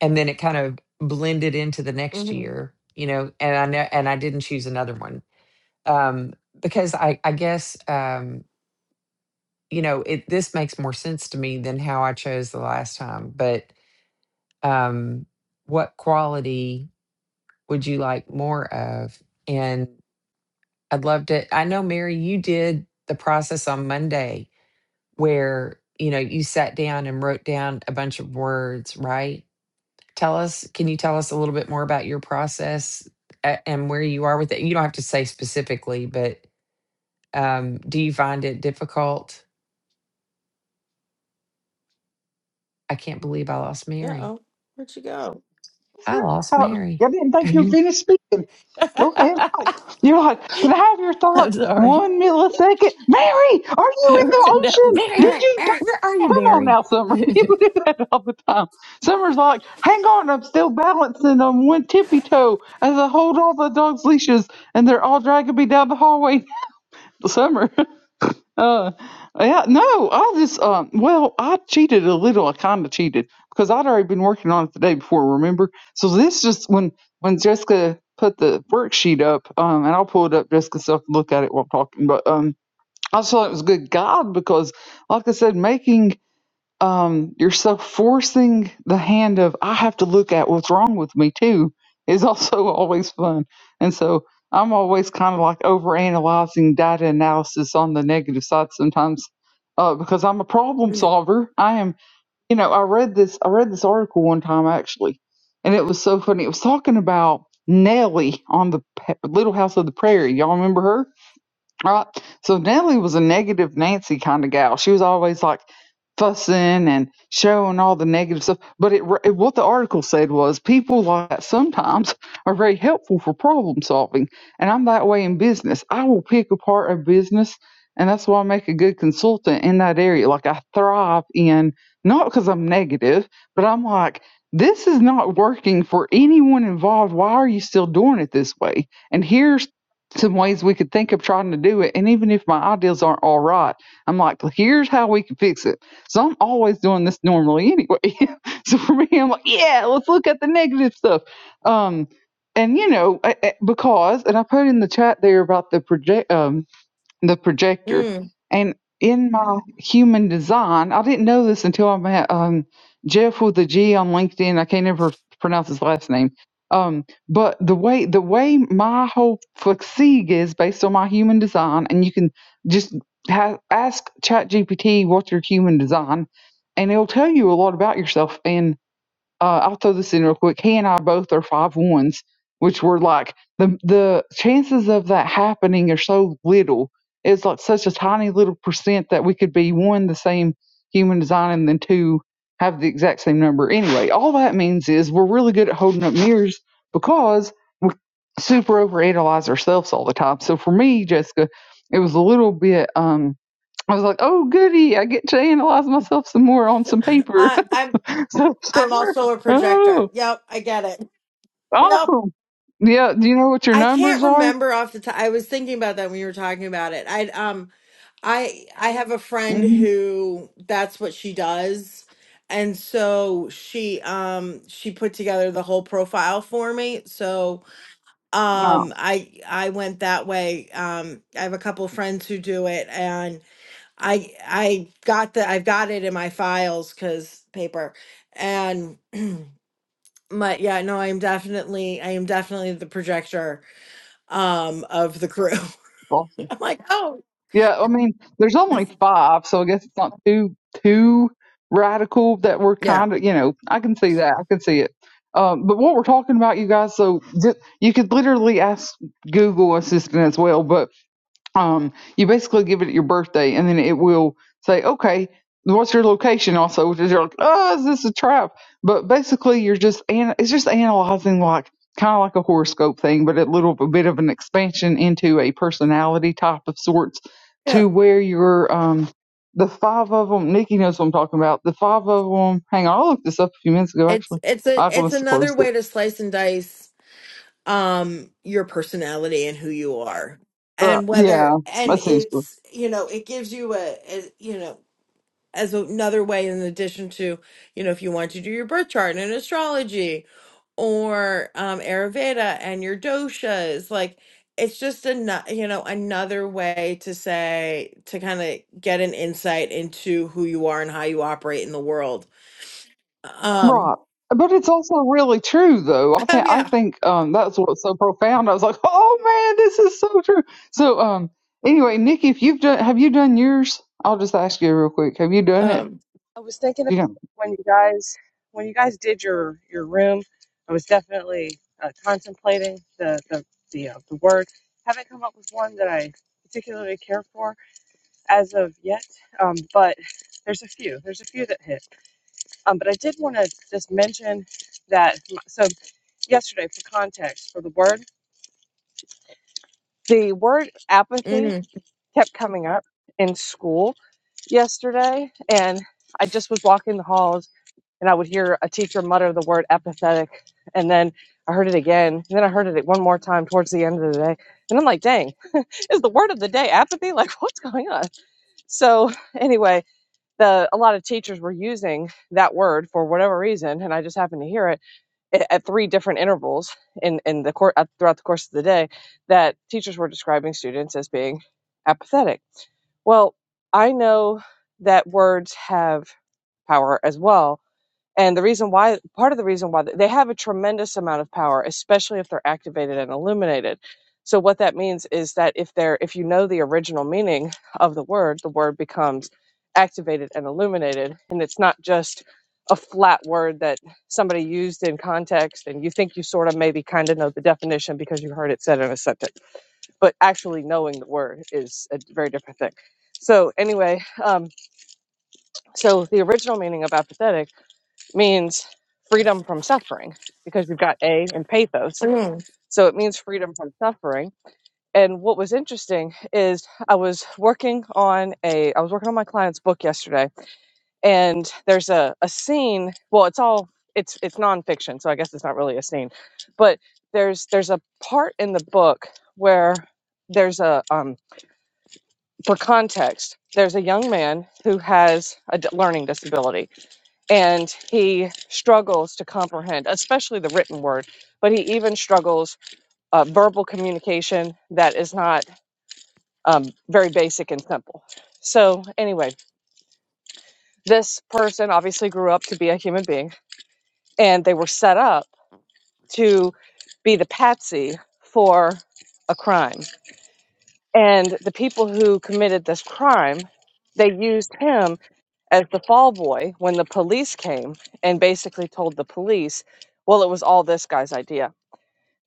and then it kind of blended into the next
mm-hmm.
year you know and i know and i didn't choose another one um because i i guess um you know it this makes more sense to me than how i chose the last time but um what quality would you like more of and i'd love to i know mary you did the process on monday where you know you sat down and wrote down a bunch of words right tell us can you tell us a little bit more about your process a- and where you are with it you don't have to say specifically but um do you find it difficult i can't believe i lost mary
Uh-oh. Where'd she go?
i lost
Uh,
mary
I didn't think you
i'm
finished speaking. Go ahead. Like, You're like, can I have your thoughts
sorry
one millisecond? Mary, are you in the
Right now,
ocean?
mary
Did you die?
where are you
Come on
mary
now, Summer.
well
You do that all the time. Summer's like, hang on, I'm still balancing on one tippy toe as I hold all the dog's leashes and they're all dragging me down the hallway. Summer. Uh, yeah, no, I just um, well, I cheated a little. I kind of cheated because I'd already been working on it the day before, remember? So this just when when Jessica put the worksheet up, um, and I'll pull it up Jessica so I can look at it while I'm talking. But um, I just thought it was good guide because, like I said, making um, you're so forcing the hand of I have to look at what's wrong with me too is also always fun. And so I'm always kind of like overanalyzing data analysis on the negative side sometimes uh, because I'm a problem
Mm,
solver. I am, you know, I read this I read this article one time actually, and it was so funny. It was talking about Nellie on the Pe- Little House of the Prairie. Y'all remember her? Right. So Nellie was a negative Nancy kind of gal. She was always like fussing and showing all the negative stuff. But it, it what the article said was people like that sometimes are very helpful for problem solving. And I'm that way in business. I will pick apart a business, and that's why I make a good consultant in that area. Like I thrive in not because I'm negative, but I'm like. This is not working for anyone involved. Why are you still doing it this way? And here's some ways we could think of trying to do it. And even if my ideas aren't all right, I'm like, "Well, here's how we can fix it. So I'm always doing this normally anyway. so for me, I'm like, yeah, let's look at the negative stuff. Um, and you know, I- I- because, and I put in the chat there about the project. um, the projector.
mm.
And in my human design, I didn't know this until I met um, Jeff with a G on LinkedIn. I can't ever pronounce his last name. Um, but the way the way my whole fatigue is based on my human design, and you can just ha- ask ChatGPT what's your human design, and it'll tell you a lot about yourself. And uh, I'll throw this in real quick. He and I both are five ones, which were like the the chances of that happening are so little. It's like such a tiny little percent that we could be one the same human design and then two have the exact same number. Anyway, all that means is we're really good at holding up mirrors because we super overanalyze ourselves all the time. So for me, Jessica, it was a little bit. um I was like, oh goody, I get to analyze myself some more on some paper
I, I'm
so, so
I'm
we're-
also a
oh,
projector. Yep, I get it. Yep.
awesome. Yeah. Do you know what your
I
numbers
can't
are?
remember off the top. I was thinking about that when you were talking about it. I um I I have a friend
hmm
who that's what she does. And so she um she put together the whole profile for me. So
No,
um I I went that way. Um I have a couple friends who do it I I got the I've got it in my files because paper and my yeah no I'm definitely I am definitely the projector um of the crew.
awesome.
I'm like oh
Yeah. I mean, there's only five, so I guess it's not too too radical that we're
yeah
kind of, you know, I can see that. I can see it. Um, but what we're talking about, you guys, so just, you could literally ask Google Assistant as well. But um, you basically give it at your birthday, and then it will say, "Okay, what's your location?" Also, because you're like, "Oh, is this a trap?" But basically, you're just an- it's just analyzing like kind of like a horoscope thing, but a little bit of an expansion into a personality type of sorts,
yeah
to where you're um, the five of them. Nikki knows what I'm talking about. The five of them. Hang on, I looked this up a few minutes ago.
it's
Actually,
it's a
I
it's
must have
another
closed it.
way to slice and dice um your personality and who you are
Uh,
and
yeah,
whether and
essentially.
it's you know it gives you a, a you know as another way in addition to you know if you want to do your birth chart and astrology or um ayurveda and your doshas like it's just another you know another way to say to kind of get an insight into who you are and how you operate in the world um
Right. But it's also really true though. I
oh
think I
yeah
think um that's what's so profound. I was like, "Oh man, this is so true." So um anyway, Nikki, if you've done have you done yours? I'll just ask you real quick. Have you done it?
um
I was thinking about
You know.
when you guys when you guys did your your room. I was definitely uh, contemplating the the the, uh, the word. Haven't come up with one that I particularly care for as of yet, um, but there's a few. There's a few that hit. Um, but I did want to just mention that. m- So yesterday, for context, for the word, the word apathy
mm,
kept coming up in school yesterday, and I just was walking the halls and I would hear a teacher mutter the word empathetic. And then I heard it again. And then I heard it one more time towards the end of the day. And I'm like, dang, is the word of the day apathy? Like, what's going on? So, anyway, the, a lot of teachers were using that word for whatever reason. And I just happened to hear it at, at three different intervals in, in the court throughout the course of the day that teachers were describing students as being apathetic. Well, I know that words have power as well and the reason why, part of the reason why they have a tremendous amount of power, especially if they're activated and illuminated. So what that means is that if they're, if you know the original meaning of the word, the word becomes activated and illuminated, and it's not just a flat word that somebody used in context and you think you sort of maybe kind of know the definition because you heard it said in a sentence but actually knowing the word is a very different thing so anyway um, so the original meaning of apathetic means freedom from suffering because we've got A in pathos.
mm,
So it means freedom from suffering. And what was interesting is I was working on a I was working on my client's book yesterday and there's a, a scene, well it's all it's it's nonfiction, so I guess it's not really a scene. But there's there's a part in the book where there's a um for context, there's a young man who has a d- learning disability and he struggles to comprehend, especially the written word. But he even struggles uh, verbal communication that is not um, very basic and simple. So anyway, this person obviously grew up to be a human being, and they were set up to be the patsy for a crime. And the people who committed this crime, they used him as the fall boy when the police came and basically told the police, well, it was all this guy's idea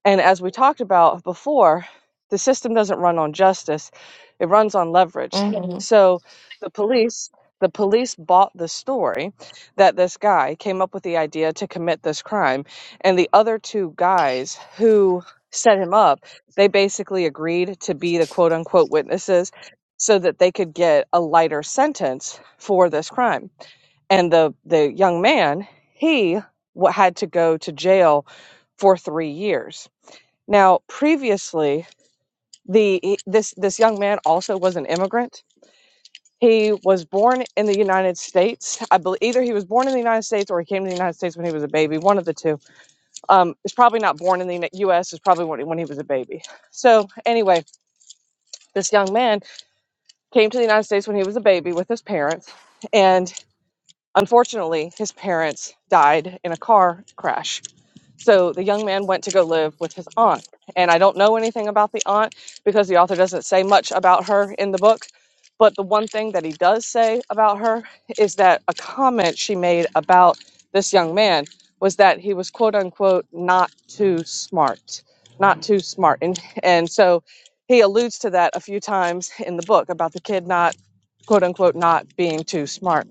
And as we talked about before, the system doesn't run on justice, it runs on leverage.
mm,
So the police the police bought the story that this guy came up with the idea to commit this crime and the other two guys who set him up, they basically agreed to be the quote unquote witnesses so that they could get a lighter sentence for this crime. And the the young man, he wa- had to go to jail for 3 years now, previously, the he- this this young man also was an immigrant. He was born in the United States. I believe either he was born in the United States or he came to the United States when he was a baby. One of the two. Um, is probably not born in the Uni- U.S. Is probably when, when he was a baby. So anyway, this young man came to the United States when he was a baby with his parents, and unfortunately, his parents died in a car crash So the young man went to go live with his aunt. And I don't know anything about the aunt because the author doesn't say much about her in the book. But the one thing that he does say about her is that a comment she made about this young man was that he was quote unquote not too smart, not too smart. And, and so he alludes to that a few times in the book about the kid not quote unquote not being too smart.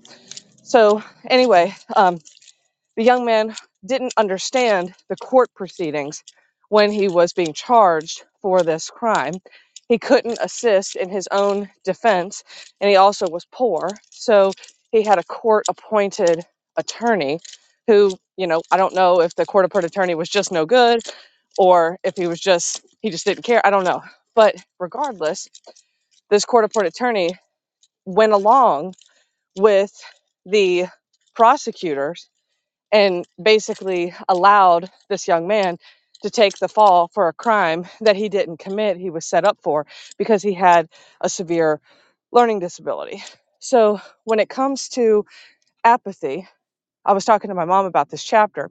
So anyway, um, the young man didn't understand the court proceedings when he was being charged for this crime. He couldn't assist in his own defense, and he also was poor. So he had a court appointed attorney who, you know, I don't know if the court appointed attorney was just no good or if he was just, he just didn't care. I don't know. But regardless, this court appointed attorney went along with the prosecutors and basically allowed this young man to take the fall for a crime that he didn't commit, he was set up for because he had a severe learning disability. So, when it comes to apathy, I was talking to my mom about this chapter,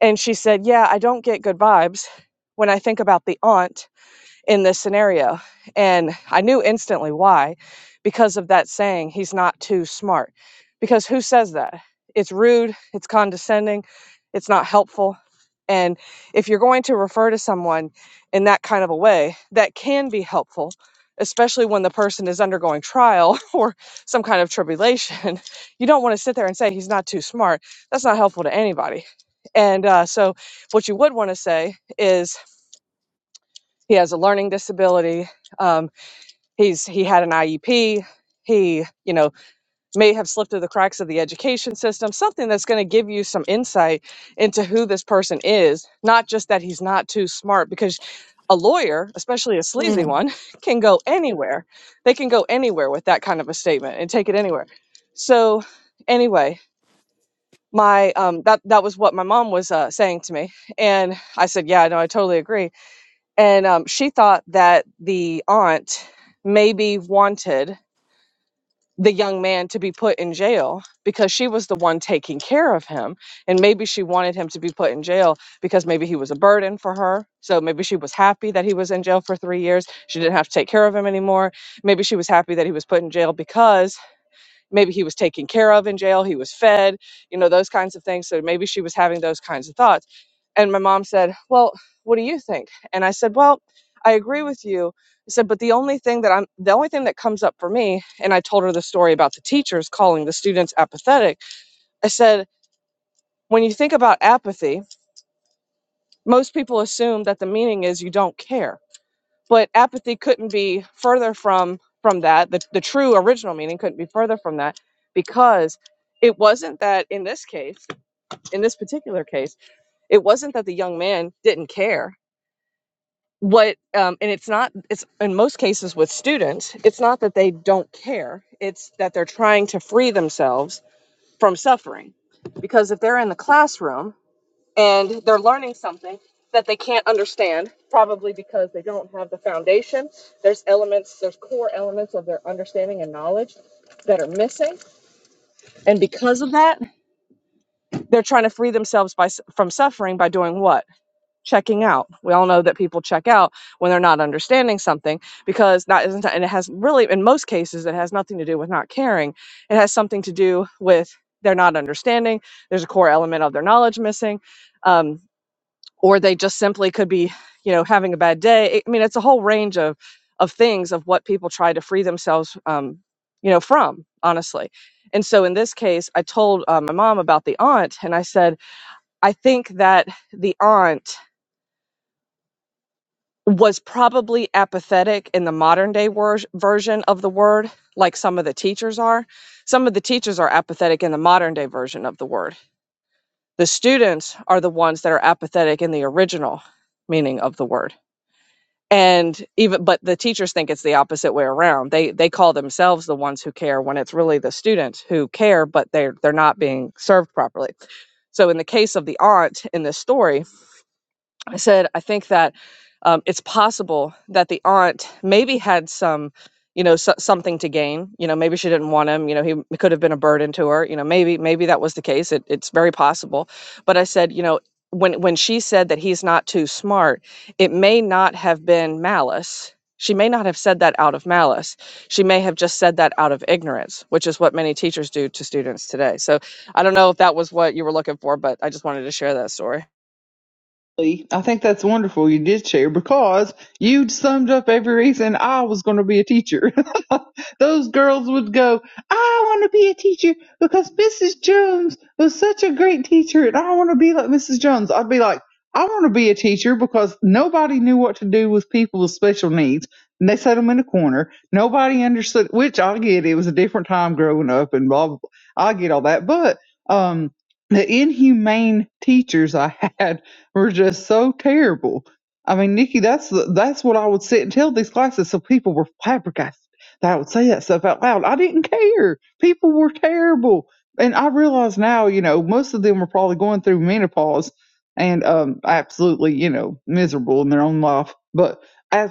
and she said, Yeah, I don't get good vibes when I think about the aunt in this scenario. And I knew instantly why, because of that saying, he's not too smart. Because who says that? It's rude, it's condescending, it's not helpful. And if you're going to refer to someone in that kind of a way, that can be helpful, especially when the person is undergoing trial or some kind of tribulation. You don't want to sit there and say he's not too smart. That's not helpful to anybody. And uh, so, what you would want to say is, he has a learning disability um, he's he had an iep he you know may have slipped through the cracks of the education system something that's going to give you some insight into who this person is not just that he's not too smart because a lawyer especially a sleazy
mm.
one can go anywhere they can go anywhere with that kind of a statement and take it anywhere so anyway my um that that was what my mom was uh, saying to me and i said yeah no i totally agree and um, she thought that the aunt maybe wanted the young man to be put in jail because she was the one taking care of him. And maybe she wanted him to be put in jail because maybe he was a burden for her. So maybe she was happy that he was in jail for three years. She didn't have to take care of him anymore. Maybe she was happy that he was put in jail because maybe he was taken care of in jail he was fed you know those kinds of things so maybe she was having those kinds of thoughts and my mom said well what do you think and i said well i agree with you i said but the only thing that i'm the only thing that comes up for me and i told her the story about the teachers calling the students apathetic i said when you think about apathy most people assume that the meaning is you don't care but apathy couldn't be further from from that the, the true original meaning couldn't be further from that because it wasn't that in this case in this particular case it wasn't that the young man didn't care what um, and it's not it's in most cases with students it's not that they don't care it's that they're trying to free themselves from suffering because if they're in the classroom and they're learning something that they can't understand, probably because they don't have the foundation. There's elements, there's core elements of their understanding and knowledge that are missing. And because of that, they're trying to free themselves by, s- from suffering by doing what? Checking out. We all know that people check out when they're not understanding something because not, isn't, and it has really, in most cases, it has nothing to do with not caring. It has something to do with they're not understanding. There's a core element of their knowledge missing. Um, or they just simply could be you know having a bad day i mean it's a whole range of of things of what people try to free themselves um, you know from honestly and so in this case i told uh, my mom about the aunt and i said i think that the aunt was probably apathetic in the modern day wor- version of the word like some of the teachers are some of the teachers are apathetic in the modern day version of the word the students are the ones that are apathetic in the original meaning of the word and even but the teachers think it's the opposite way around they they call themselves the ones who care when it's really the students who care but they're they're not being served properly so in the case of the aunt in this story I said, I think that um, it's possible that the aunt maybe had some, you know, so- something to gain. You know, maybe she didn't want him. You know, he m- could have been a burden to her. You know, maybe maybe that was the case. It, it's very possible. But I said, you know, when when she said that he's not too smart, it may not have been malice. She may not have said that out of malice. She may have just said that out of ignorance, which is what many teachers do to students today. So I don't know if that was what you were looking for, but I just wanted to share that story.
Really? I think that's wonderful you did share because you summed up every reason I was going to be a teacher. Those girls would go, I want to be a teacher because Mrs. Jones was such a great teacher and I want to be like Mrs. Jones. I'd be like, I want to be a teacher because nobody knew what to do with people with special needs. And they set them in a corner. Nobody understood, which I get. It was a different time growing up and blah, blah, blah. I get all that. But, um, the inhumane teachers I had were just so terrible. I mean, Nikki, that's the- that's what I would sit and tell these classes. So people were flabbergasted that I would say that stuff out loud. I didn't care. People were terrible, and I realize now, you know, most of them were probably going through menopause and um, absolutely, you know, miserable in their own life. But as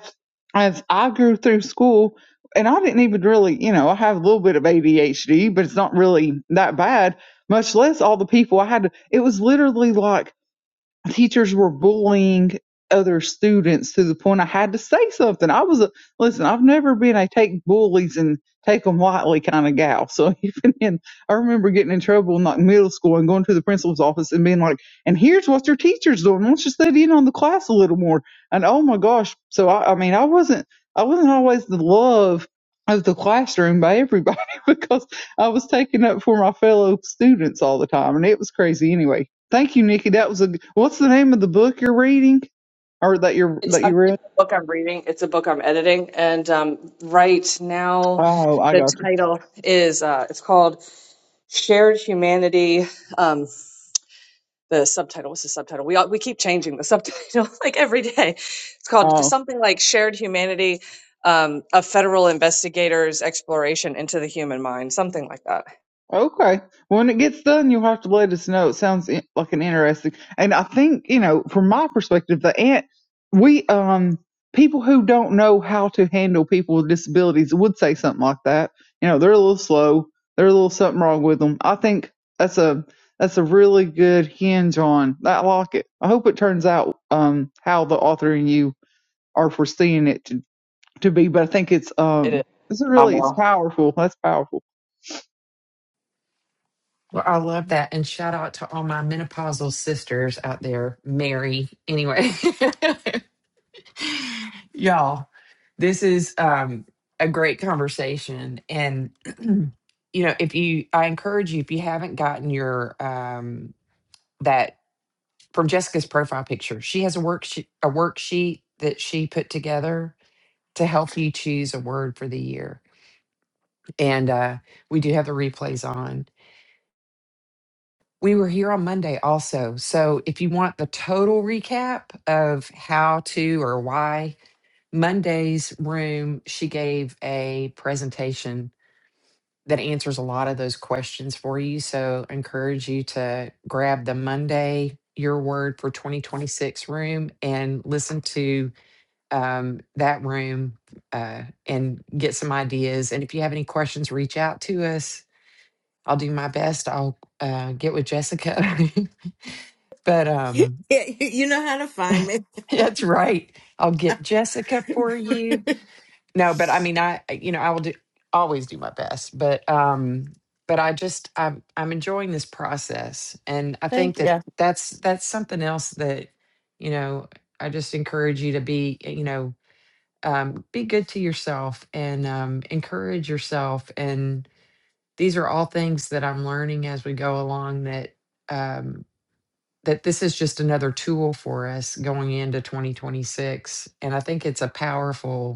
as I grew through school, and I didn't even really, you know, I have a little bit of ADHD, but it's not really that bad. Much less all the people I had. To, it was literally like teachers were bullying other students to the point I had to say something. I was a listen. I've never been a take bullies and take them lightly kind of gal. So even in, I remember getting in trouble in like middle school and going to the principal's office and being like, "And here's what your teacher's doing. Why don't you study in on the class a little more?" And oh my gosh, so I, I mean, I wasn't, I wasn't always the love of the classroom by everybody because I was taking up for my fellow students all the time, and it was crazy anyway Thank you, Nikki. That was a. What's the name of the book you're reading, or that you're
It's
that
a
you read?
book I'm reading. It's a book I'm editing, and um, right now,
Oh, I
the
got you.
title is uh, it's called "Shared Humanity." Um, the subtitle what's the subtitle we all, we keep changing the subtitle like every day it's called
Oh,
something like shared humanity um, a federal investigator's exploration into the human mind something like that
okay. When it gets done, you'll have to let us know. It sounds in, like an interesting. And I think you know, from my perspective, the ant we um people who don't know how to handle people with disabilities would say something like that. You know, they're a little slow. They're a little something wrong with them. I think that's a that's a really good hinge on. I like it. I hope it turns out um how the author and you Are foreseeing it to, to be. But I think it's
it
um
is
it's really it's
phenomenal
powerful. That's powerful.
i love that and shout out to all my menopausal sisters out there mary anyway Y'all, this is um, a great conversation. And, you know, if you, I encourage you, if you haven't gotten your, um, that from Jessica's profile picture, she has a worksheet, a worksheet that she put together to help you choose a word for the year. And uh, we do have the replays on. We were here on Monday also. So if you want the total recap of how to or why Monday's room, she gave a presentation that answers a lot of those questions for you. So encourage you to grab the Monday Your Word for 2026 room and listen to um, that room uh, and get some ideas. And if you have any questions, reach out to us. I'll do my best. I'll uh, get with Jessica. but um,
yeah you you know how to find me
that's right. I'll get Jessica for you No, but I mean, I you know, I will do always do my best, but um, but I just I'm I'm enjoying this process, and I
Thank
think
you.
that
Yeah.
that's that's something else that you know I just encourage you to be eh, you know um, be good to yourself and um, encourage yourself, and these are all things that I'm learning as we go along that um, that this is just another tool for us going into 2026, and I think it's a powerful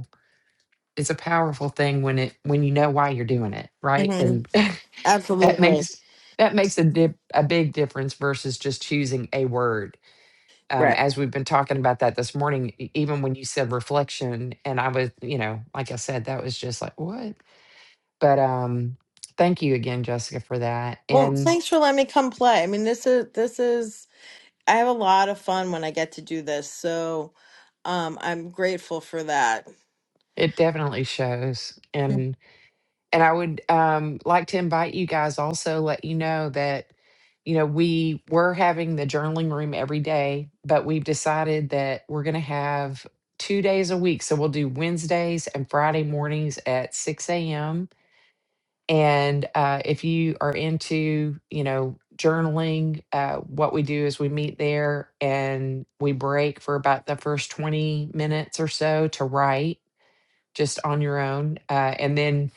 it's a powerful thing when it when you know why you're doing it right
Mhm,
and that
absolutely
makes that makes a dip, a big difference versus just choosing a word um,
right
as we've been talking about that this morning e- even when you said reflection and i was you know like i said that was just like what but um thank you again jessica for that
Well,
and
thanks for letting me come play. I mean, this is this is I have a lot of fun when I get to do this, so um, I'm grateful for that.
it definitely shows and I would um, like to invite you guys also let you know that you know we were having the journaling room every day, but we've decided that we're going to have two days a week. So we'll do Wednesdays and Friday mornings at six a.m. And uh, if you are into you know journaling, uh, what we do is we meet there and we break for about the first twenty minutes or so to write just on your own. Uh, and then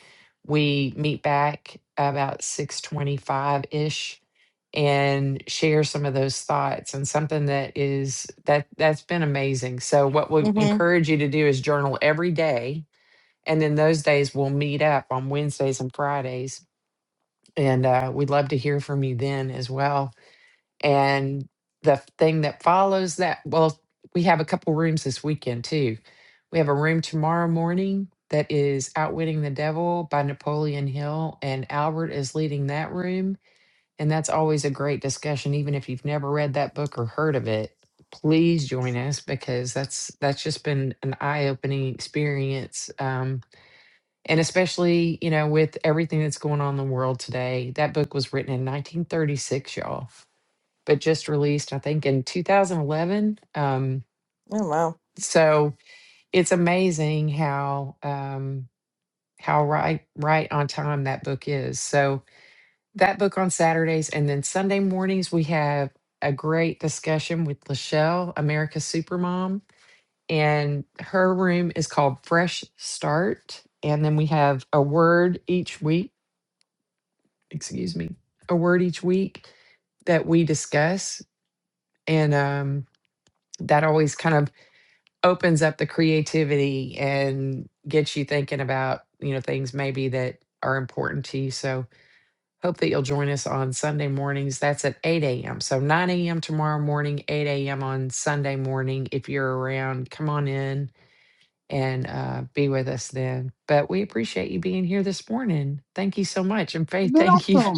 we meet back about 625 ish and share some of those thoughts and something that is that that's been amazing. So what we
hmm
encourage you to do is journal every day. And then those days we'll meet up on Wednesdays and Fridays. And uh, we'd love to hear from you then as well and the thing that follows that, well, we have a couple rooms this weekend too. We have a room tomorrow morning that is Outwitting the Devil by Napoleon Hill, and Albert is leading that room. And that's always a great discussion, even if you've never read that book or heard of it. Please join us because that's that's just been an eye-opening experience, um, and especially you know with everything that's going on in the world today. That book was written in 1936, y'all but just released, I think, in 2011. Um,
Oh wow!
so it's amazing how um, how right right on time that book is. So that book on Saturdays, and then Sunday mornings we have a great discussion with Lachelle, America's Supermom, and her room is called Fresh Start. And then we have a word each week. Excuse me, a word each week that we discuss, and um, that always kind of opens up the creativity and gets you thinking about you know things maybe that are important to you so hope that you'll join us on sunday mornings that's at 8 a.m so 9 a.m tomorrow morning 8 a.m on sunday morning if you're around come on in and uh, be with us then but we appreciate you being here this morning thank you so much and
It's
faith
been
thank you
awesome.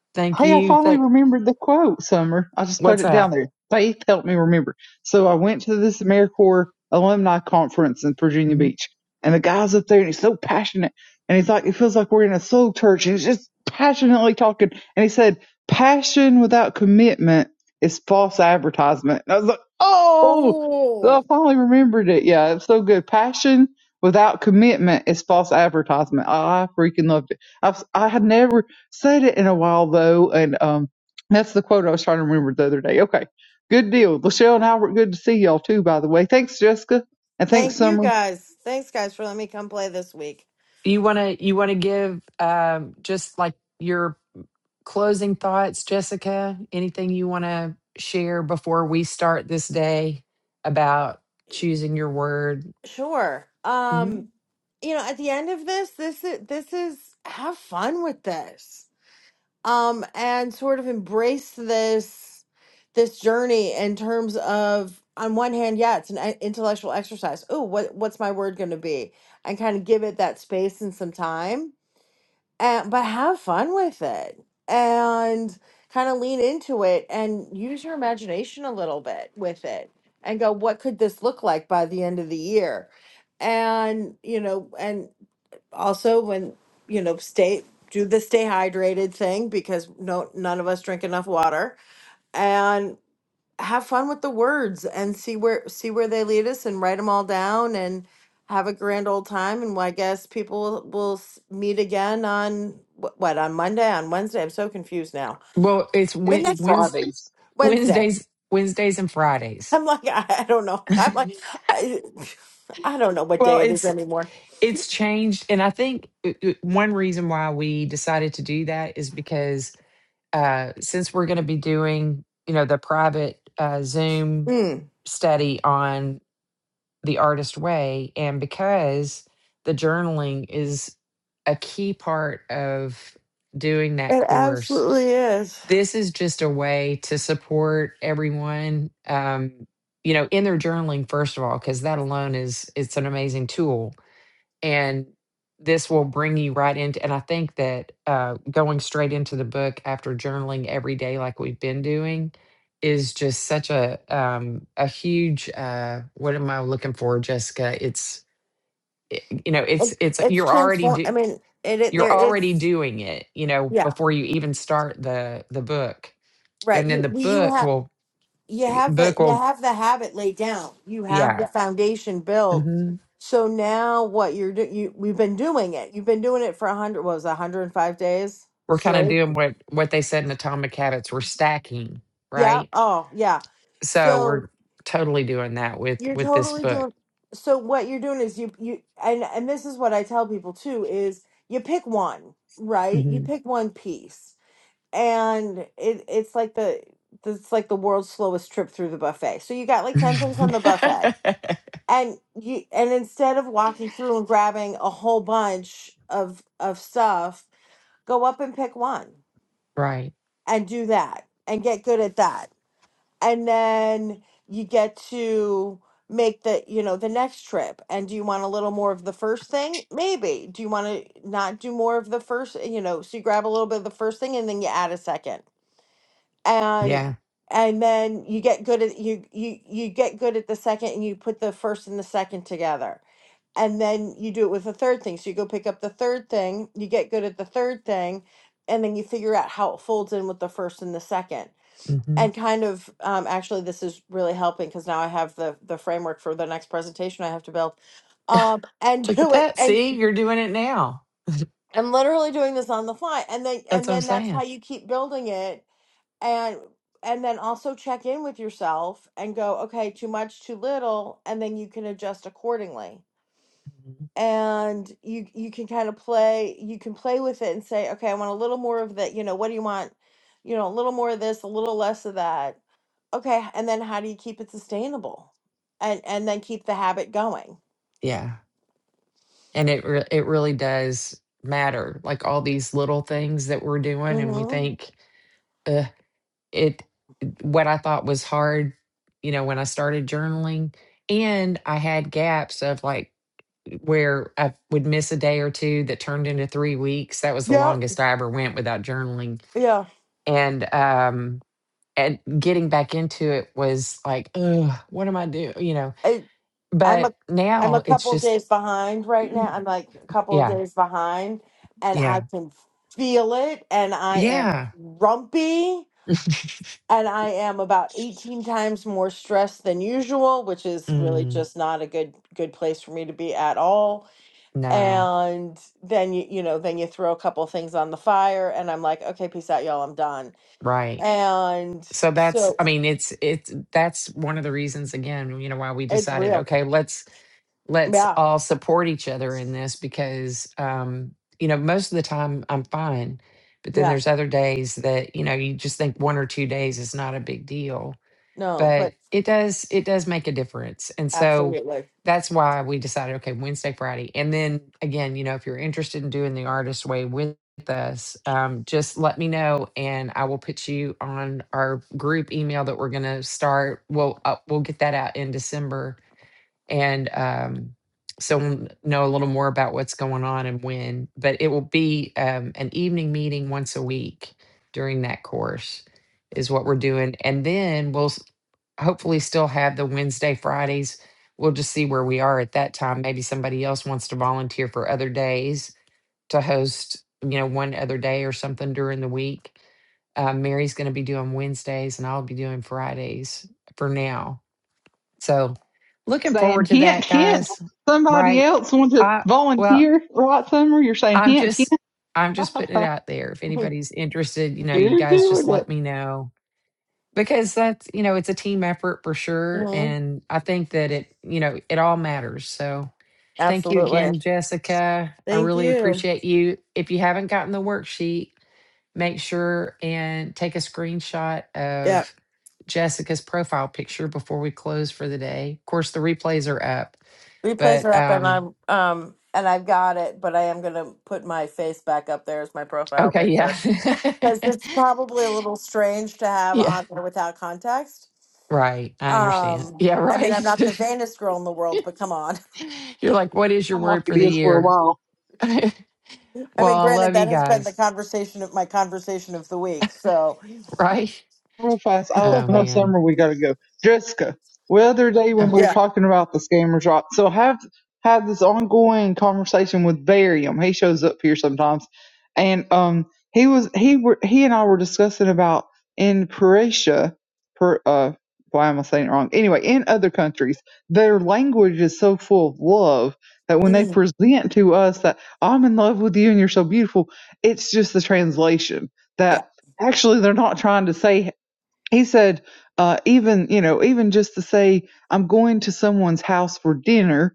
thank
Hey, I
you
finally
thank
remembered the quote, Summer. I just put
what's
it down
up
there. Faith helped me remember. So I went to this AmeriCorps alumni conference in Virginia Beach, and the guy's up there, and he's so passionate, and he's like, it feels like we're in a soul church, and he's just passionately talking. And he said, "Passion without commitment is false advertisement." And I was like, "Oh!" So I
Oh,
finally remembered it. Yeah, it's so good. Passion without commitment is false advertisement. I freaking loved it. I've, I had never Said it in a while though, and um, that's the quote I was trying to remember the other day. Okay, good deal. Lachelle and Albert, good to see y'all too. By the way, thanks Jessica, and thanks
thank you
Summer.
guys. Thanks guys for letting me come play this week.
you want to you want to give um, just like your closing thoughts, Jessica? Anything you want to share before we start this day about choosing your word?
Sure. Um,
Mhm.
you know, at the end of this, this is this is have fun with this. um, and sort of embrace this this journey in terms of on one hand, yeah, it's an e- intellectual exercise. Oh, what what's my word going to be? And kind of give it that space and some time, and, but have fun with it and kind of lean into it and use your imagination a little bit with it and go, what could this look like by the end of the year? And you know, and also when you know stay do the stay hydrated thing because no none of us drink enough water and have fun with the words and see where see where they lead us and write them all down and have a grand old time and I guess people will, will s- meet again on wh- what on Monday on Wednesday I'm so confused now
Well, it's
the
Days
Wed-
and
next one
Wednes-
Fridays.
Wednesday
Wednesdays, Wednesdays and Fridays.
I'm like I, I don't know I'm like I, I don't know what
well,
day it is
it's
anymore
it's changed, and I think uh, uh, one reason why we decided to do that is because uh, since we're going to be doing you know the private uh, Zoom
mm,
study on the artist way and because the journaling is a key part of doing that
it
course
absolutely is
this is just a way to support everyone um you know in their journaling first of all because that alone is it's an amazing tool and this will bring you right into and i think that uh, going straight into the book after journaling every day like we've been doing is just such a um a huge uh what am i looking for jessica it's i- you know
it,
it's it's
it's
you're already
transform.
do,
I mean, it, it there
you're already
is
doing it you know
yeah
before you even start the the book
right.
and then
You
the
you
book
have
will
you
eh,
have the
book
you
will
have the habit laid down. You have the
yeah
Yeah. foundation built.
hmm
So now what you're doing? You we've been doing it. You've been doing it for a hundred. What was a hundred and five days
we're kind of
straight?
doing what what they said in atomic habits we're stacking
Yeah.
right
Oh yeah.
so
So
we're totally doing that with
you're
with this
totally
book
doing. So what you're doing is you you and and this is what I tell people too is you pick one right. You
Mhm.
pick one piece and it it's like the it's like the world's slowest trip through the buffet. So you got like 10 things on the buffet. And you and instead of walking through and grabbing a whole bunch of of stuff, go up and pick one
right
and do that and get good at that. And then you get to make the, you know, the next trip. And do you want a little more of the first thing? Maybe. Do you want to not do more of the first, you know, so you grab a little bit of the first thing and then you add a second and
yeah
and then you get good at you you you get good at the second and you put the first and the second together and then you do it with the third thing so you go pick up the third thing you get good at the third thing and then you figure out how it folds in with the first and the second
hmm
and kind of um, actually this is really helping because now i have the the framework for the next presentation i have to build um and
look at
do it
that
and
see you're doing it now
i'm literally doing this on the fly and then
that's
and
what i'm
then that's how
saying
you keep building it and and then also check in with yourself and go okay too much too little and then you can adjust accordingly
Mhm.
and you you can kind of play you can play with it and say okay i want a little more of that you know what do you want you know a little more of this a little less of that okay and then how do you keep it sustainable and and then keep the habit going
yeah and it re- it really does matter like all these little things that we're doing and we
hmm
think uh, it what i thought was hard you know when i started journaling and i had gaps of like where I would miss a day or two that turned into three weeks. That was the
yeah
longest I ever went without journaling.
yeah
And um and getting back into it was like, Ugh, what am I doing? You know.
I'm a
But
I'm a
now it's
couple
just
days behind right now. I'm like a couple of
yeah,
days behind and I
yeah,
can feel it and I am
yeah.
grumpy and I am about 18 times more stressed than usual, which is really
Mm,
just not a good good place for me to be at all.
no,
And then you you know, then you throw a couple things on the fire and I'm like, okay, peace out y'all, I'm done.
right.
And
So that's
so
I mean, it's it's that's one of the reasons again, you know, why we
it's
decided,
real.
okay, let's let's
Yeah.
all support each other in this because um you know most of the time i'm fine but then
Yeah.
there's other days that you know you just think one or two days is not a big deal
No,
but
but
it does it does make a difference and so
absolutely.
that's why we decided okay wednesday friday and then again you know if you're interested in doing the artist way with us um, just let me know and i will put you on our group email that we're going to start we'll uh, we'll get that out in december and um, so we'll know a little more about what's going on and when. But it will be um, an evening meeting once a week during that course, is what we're doing. And then we'll s- hopefully still have the Wednesday, Fridays. We'll just see where we are at that time. Maybe somebody else wants to volunteer for other days to host, you know, one other day or something during the week. Uh, Mary's going to be doing Wednesdays and I'll be doing Fridays for now so looking
Saying
forward to
hint,
that,
hint.
guys.
Somebody
Right.
else wants to
I well,
volunteer, right? Summer, you're saying
I'm
hint, hint.
just I'm just putting it out there. If anybody's interested, you know, you
you're
guys just
doing it.
let me know. Because that's you know, it's a team effort for sure. And I think that it, you know, it all matters. So thank you
Absolutely.
again, Jessica. I
Thank
really
you.
appreciate you. If you haven't gotten the worksheet, make sure and take a screenshot
Yeah.
of Jessica's profile picture before we close for the day. Of course, the replays are up,
Replays are
but
up and
um,
I'm um and I've got it, but I am gonna put my face back up there as my profile
okay,
picture. Because
yeah.
it's probably a little strange to have
yeah,
on there without context.
right. I understand.
Um
Yeah,
I mean I'm
right.
not the vainest girl in the world, but come on.
You're like, what is your
I'm like
word for
it
the
is for a
year?
while.
well,
I mean
I
granted
love
that
you
has been the
guys,
conversation of my conversation of the week. So
right?
real fast. I,
Oh,
I know
man.
somewhere we got to go. Jessica, the other day
Uh,
when we were
yeah.
talking about the scammer shop, so I have had this ongoing conversation with Barium. He shows up here sometimes, and um, he was he were he and I were discussing about in Croatia, per uh, why am I saying it wrong? Anyway, in other countries, their language is so full of love that when they
Mm,
present to us that I'm in love with you and you're so beautiful, it's just the translation
yeah.
that actually they're not trying to say he said uh, even you know even just to say i'm going to someone's house for dinner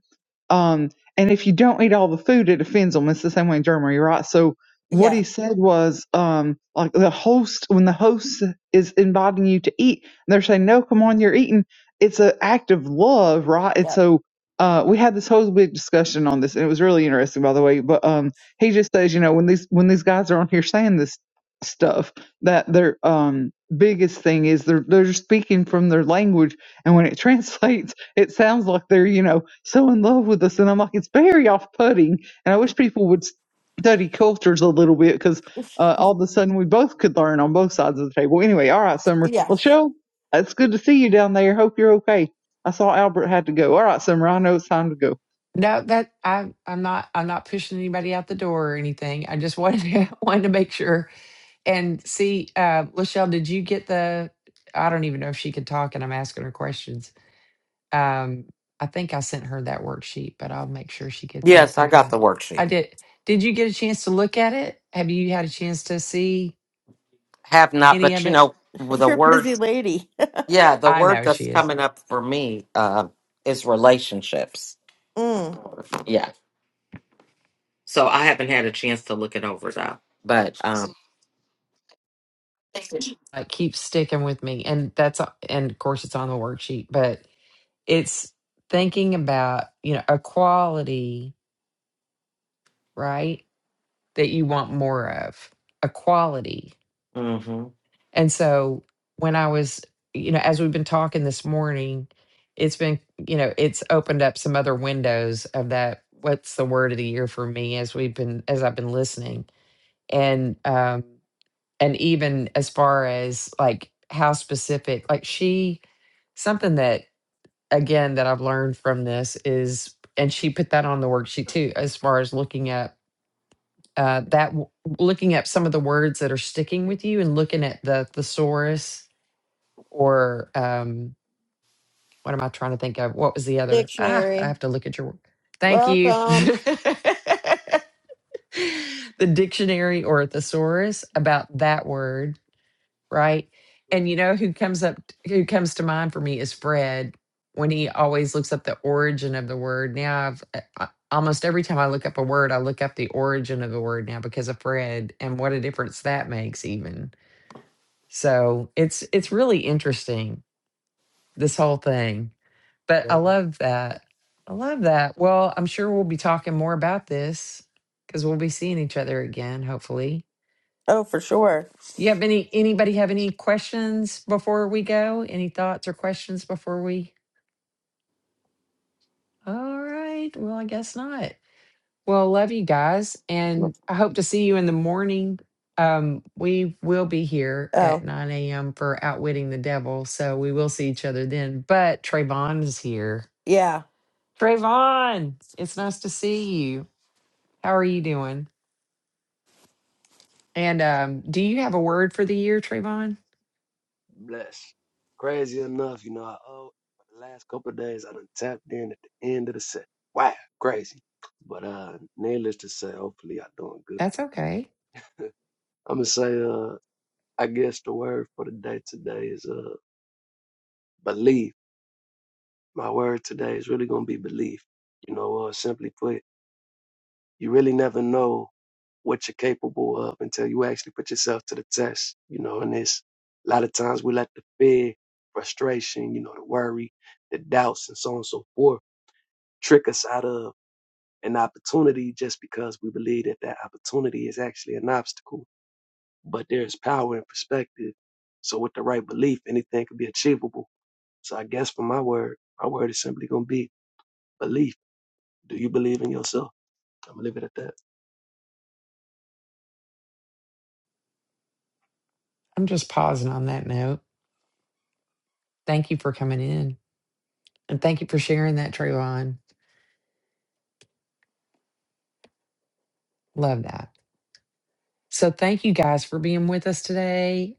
um, and if you don't eat all the food it offends them it's the same way in germany right so what
Yeah.
he said was um, like the host when the host is inviting you to eat and they're saying no come on you're eating it's an act of love right and
Yeah.
so uh, we had this whole big discussion on this and it was really interesting by the way but um, he just says you know when these when these guys are on here saying this stuff that they're um, biggest thing is they're they're speaking from their language and when it translates it sounds like they're you know so in love with us and i'm like it's very off-putting and i wish people would study cultures a little bit because uh, all of a sudden we both could learn on both sides of the table anyway all right summer
Yeah.
well show it's good to see you down there hope you're okay i saw albert had to go all right summer i know it's time to go
no, that I'm I'm not I'm not pushing anybody out the door or anything. I just wanted to, wanted to make sure and see. Uh, Lachelle, did you get the? I don't even know if she could talk, and I'm asking her questions. Um, I think I sent her that worksheet, but I'll make sure she gets it if
Yes, I
I
got
didn't.
the
I
worksheet.
did. Did you get a chance to look at it? Have you had a chance to see?
Have not,
any
but
of
you
it?
know, with the
You're a
word,
busy lady.
yeah, the
I
word
know she
that's
is.
coming up for me uh, is relationships.
Mm.
Yeah. So I haven't had a chance to look it over though, but um,
Like keeps sticking with me. And that's uh, and of course it's on the worksheet, but it's thinking about, you know, a quality, right? That you want more of. A quality.
mhm.
And so when I was, you know, as we've been talking this morning, it's been, you know, it's opened up some other windows of that what's the word of the year for me as we've been as I've been listening. And um and even as far as like how specific like she something that again that i've learned from this is and she put that on the worksheet too as far as looking at uh, that w- looking at some of the words that are sticking with you and looking at the thesaurus or um what am i trying to think of what was the other ah i
Dictionary.
have to look at your work thank you
Welcome.
the dictionary or a thesaurus about that word right? And you know who comes up who comes to mind for me is Fred when he always looks up the origin of the word. Now I've uh, uh, almost every time I look up a word, I look up the origin of the word now because of Fred and what a difference that makes even. So it's it's really interesting this whole thing. But I love that. I love that. Well, I'm sure we'll be talking more about this because we'll be seeing each other again, hopefully.
Oh, for sure.
You have any, anybody have any questions before we go? Any thoughts or questions before we? All right. Well, I guess not. Well, love you guys. And I hope to see you in the morning. Um, we will be here
Oh,
at 9 a.m. for Outwitting the Devil. So we will see each other then. But Trayvon is here.
yeah.
Trayvon, it's nice to see you. How are you doing? And
blessed,
um, do
blessed,
you have a word for the year, Trayvon?
blessed. Crazy enough, you know, I owe the last couple of days I done tapped in at the end of the set. Wow, crazy. But uh needless to say, hopefully I'm doing good.
That's okay.
I'm gonna say uh I guess the word for the day today is uh believe. My word today is really gonna be belief. You know, uh simply put, you really never know what you're capable of until you actually put yourself to the test, you know, and it's a lot of times we let the fear, frustration, you know, the worry, the doubts and so on and so forth trick us out of an opportunity just because we believe that that opportunity is actually an obstacle. But there's power in perspective. So with the right belief, anything could be achievable. So I guess for my word, my word is simply going to be belief. Do you believe in yourself? I'm going to leave it at that.
I'm just pausing on that note. Thank you for coming in and thank you for sharing that, Trayvon. Love that. So, thank you guys for being with us today.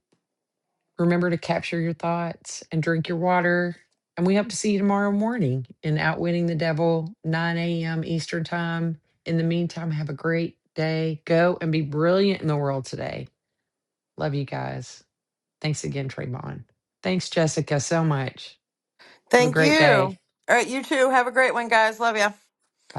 Remember to capture your thoughts and drink your water. And we hope to see you tomorrow morning in Outwitting the Devil, 9 a.m. Eastern Time. In the meantime, have a great day. Go and be brilliant in the world today. Love you guys. Thanks again, Trayvon. Thanks, Jessica, so much. Have a
Thank
great
you.
day.
All right, you too. Have a great one, guys. Love ya.
Bye.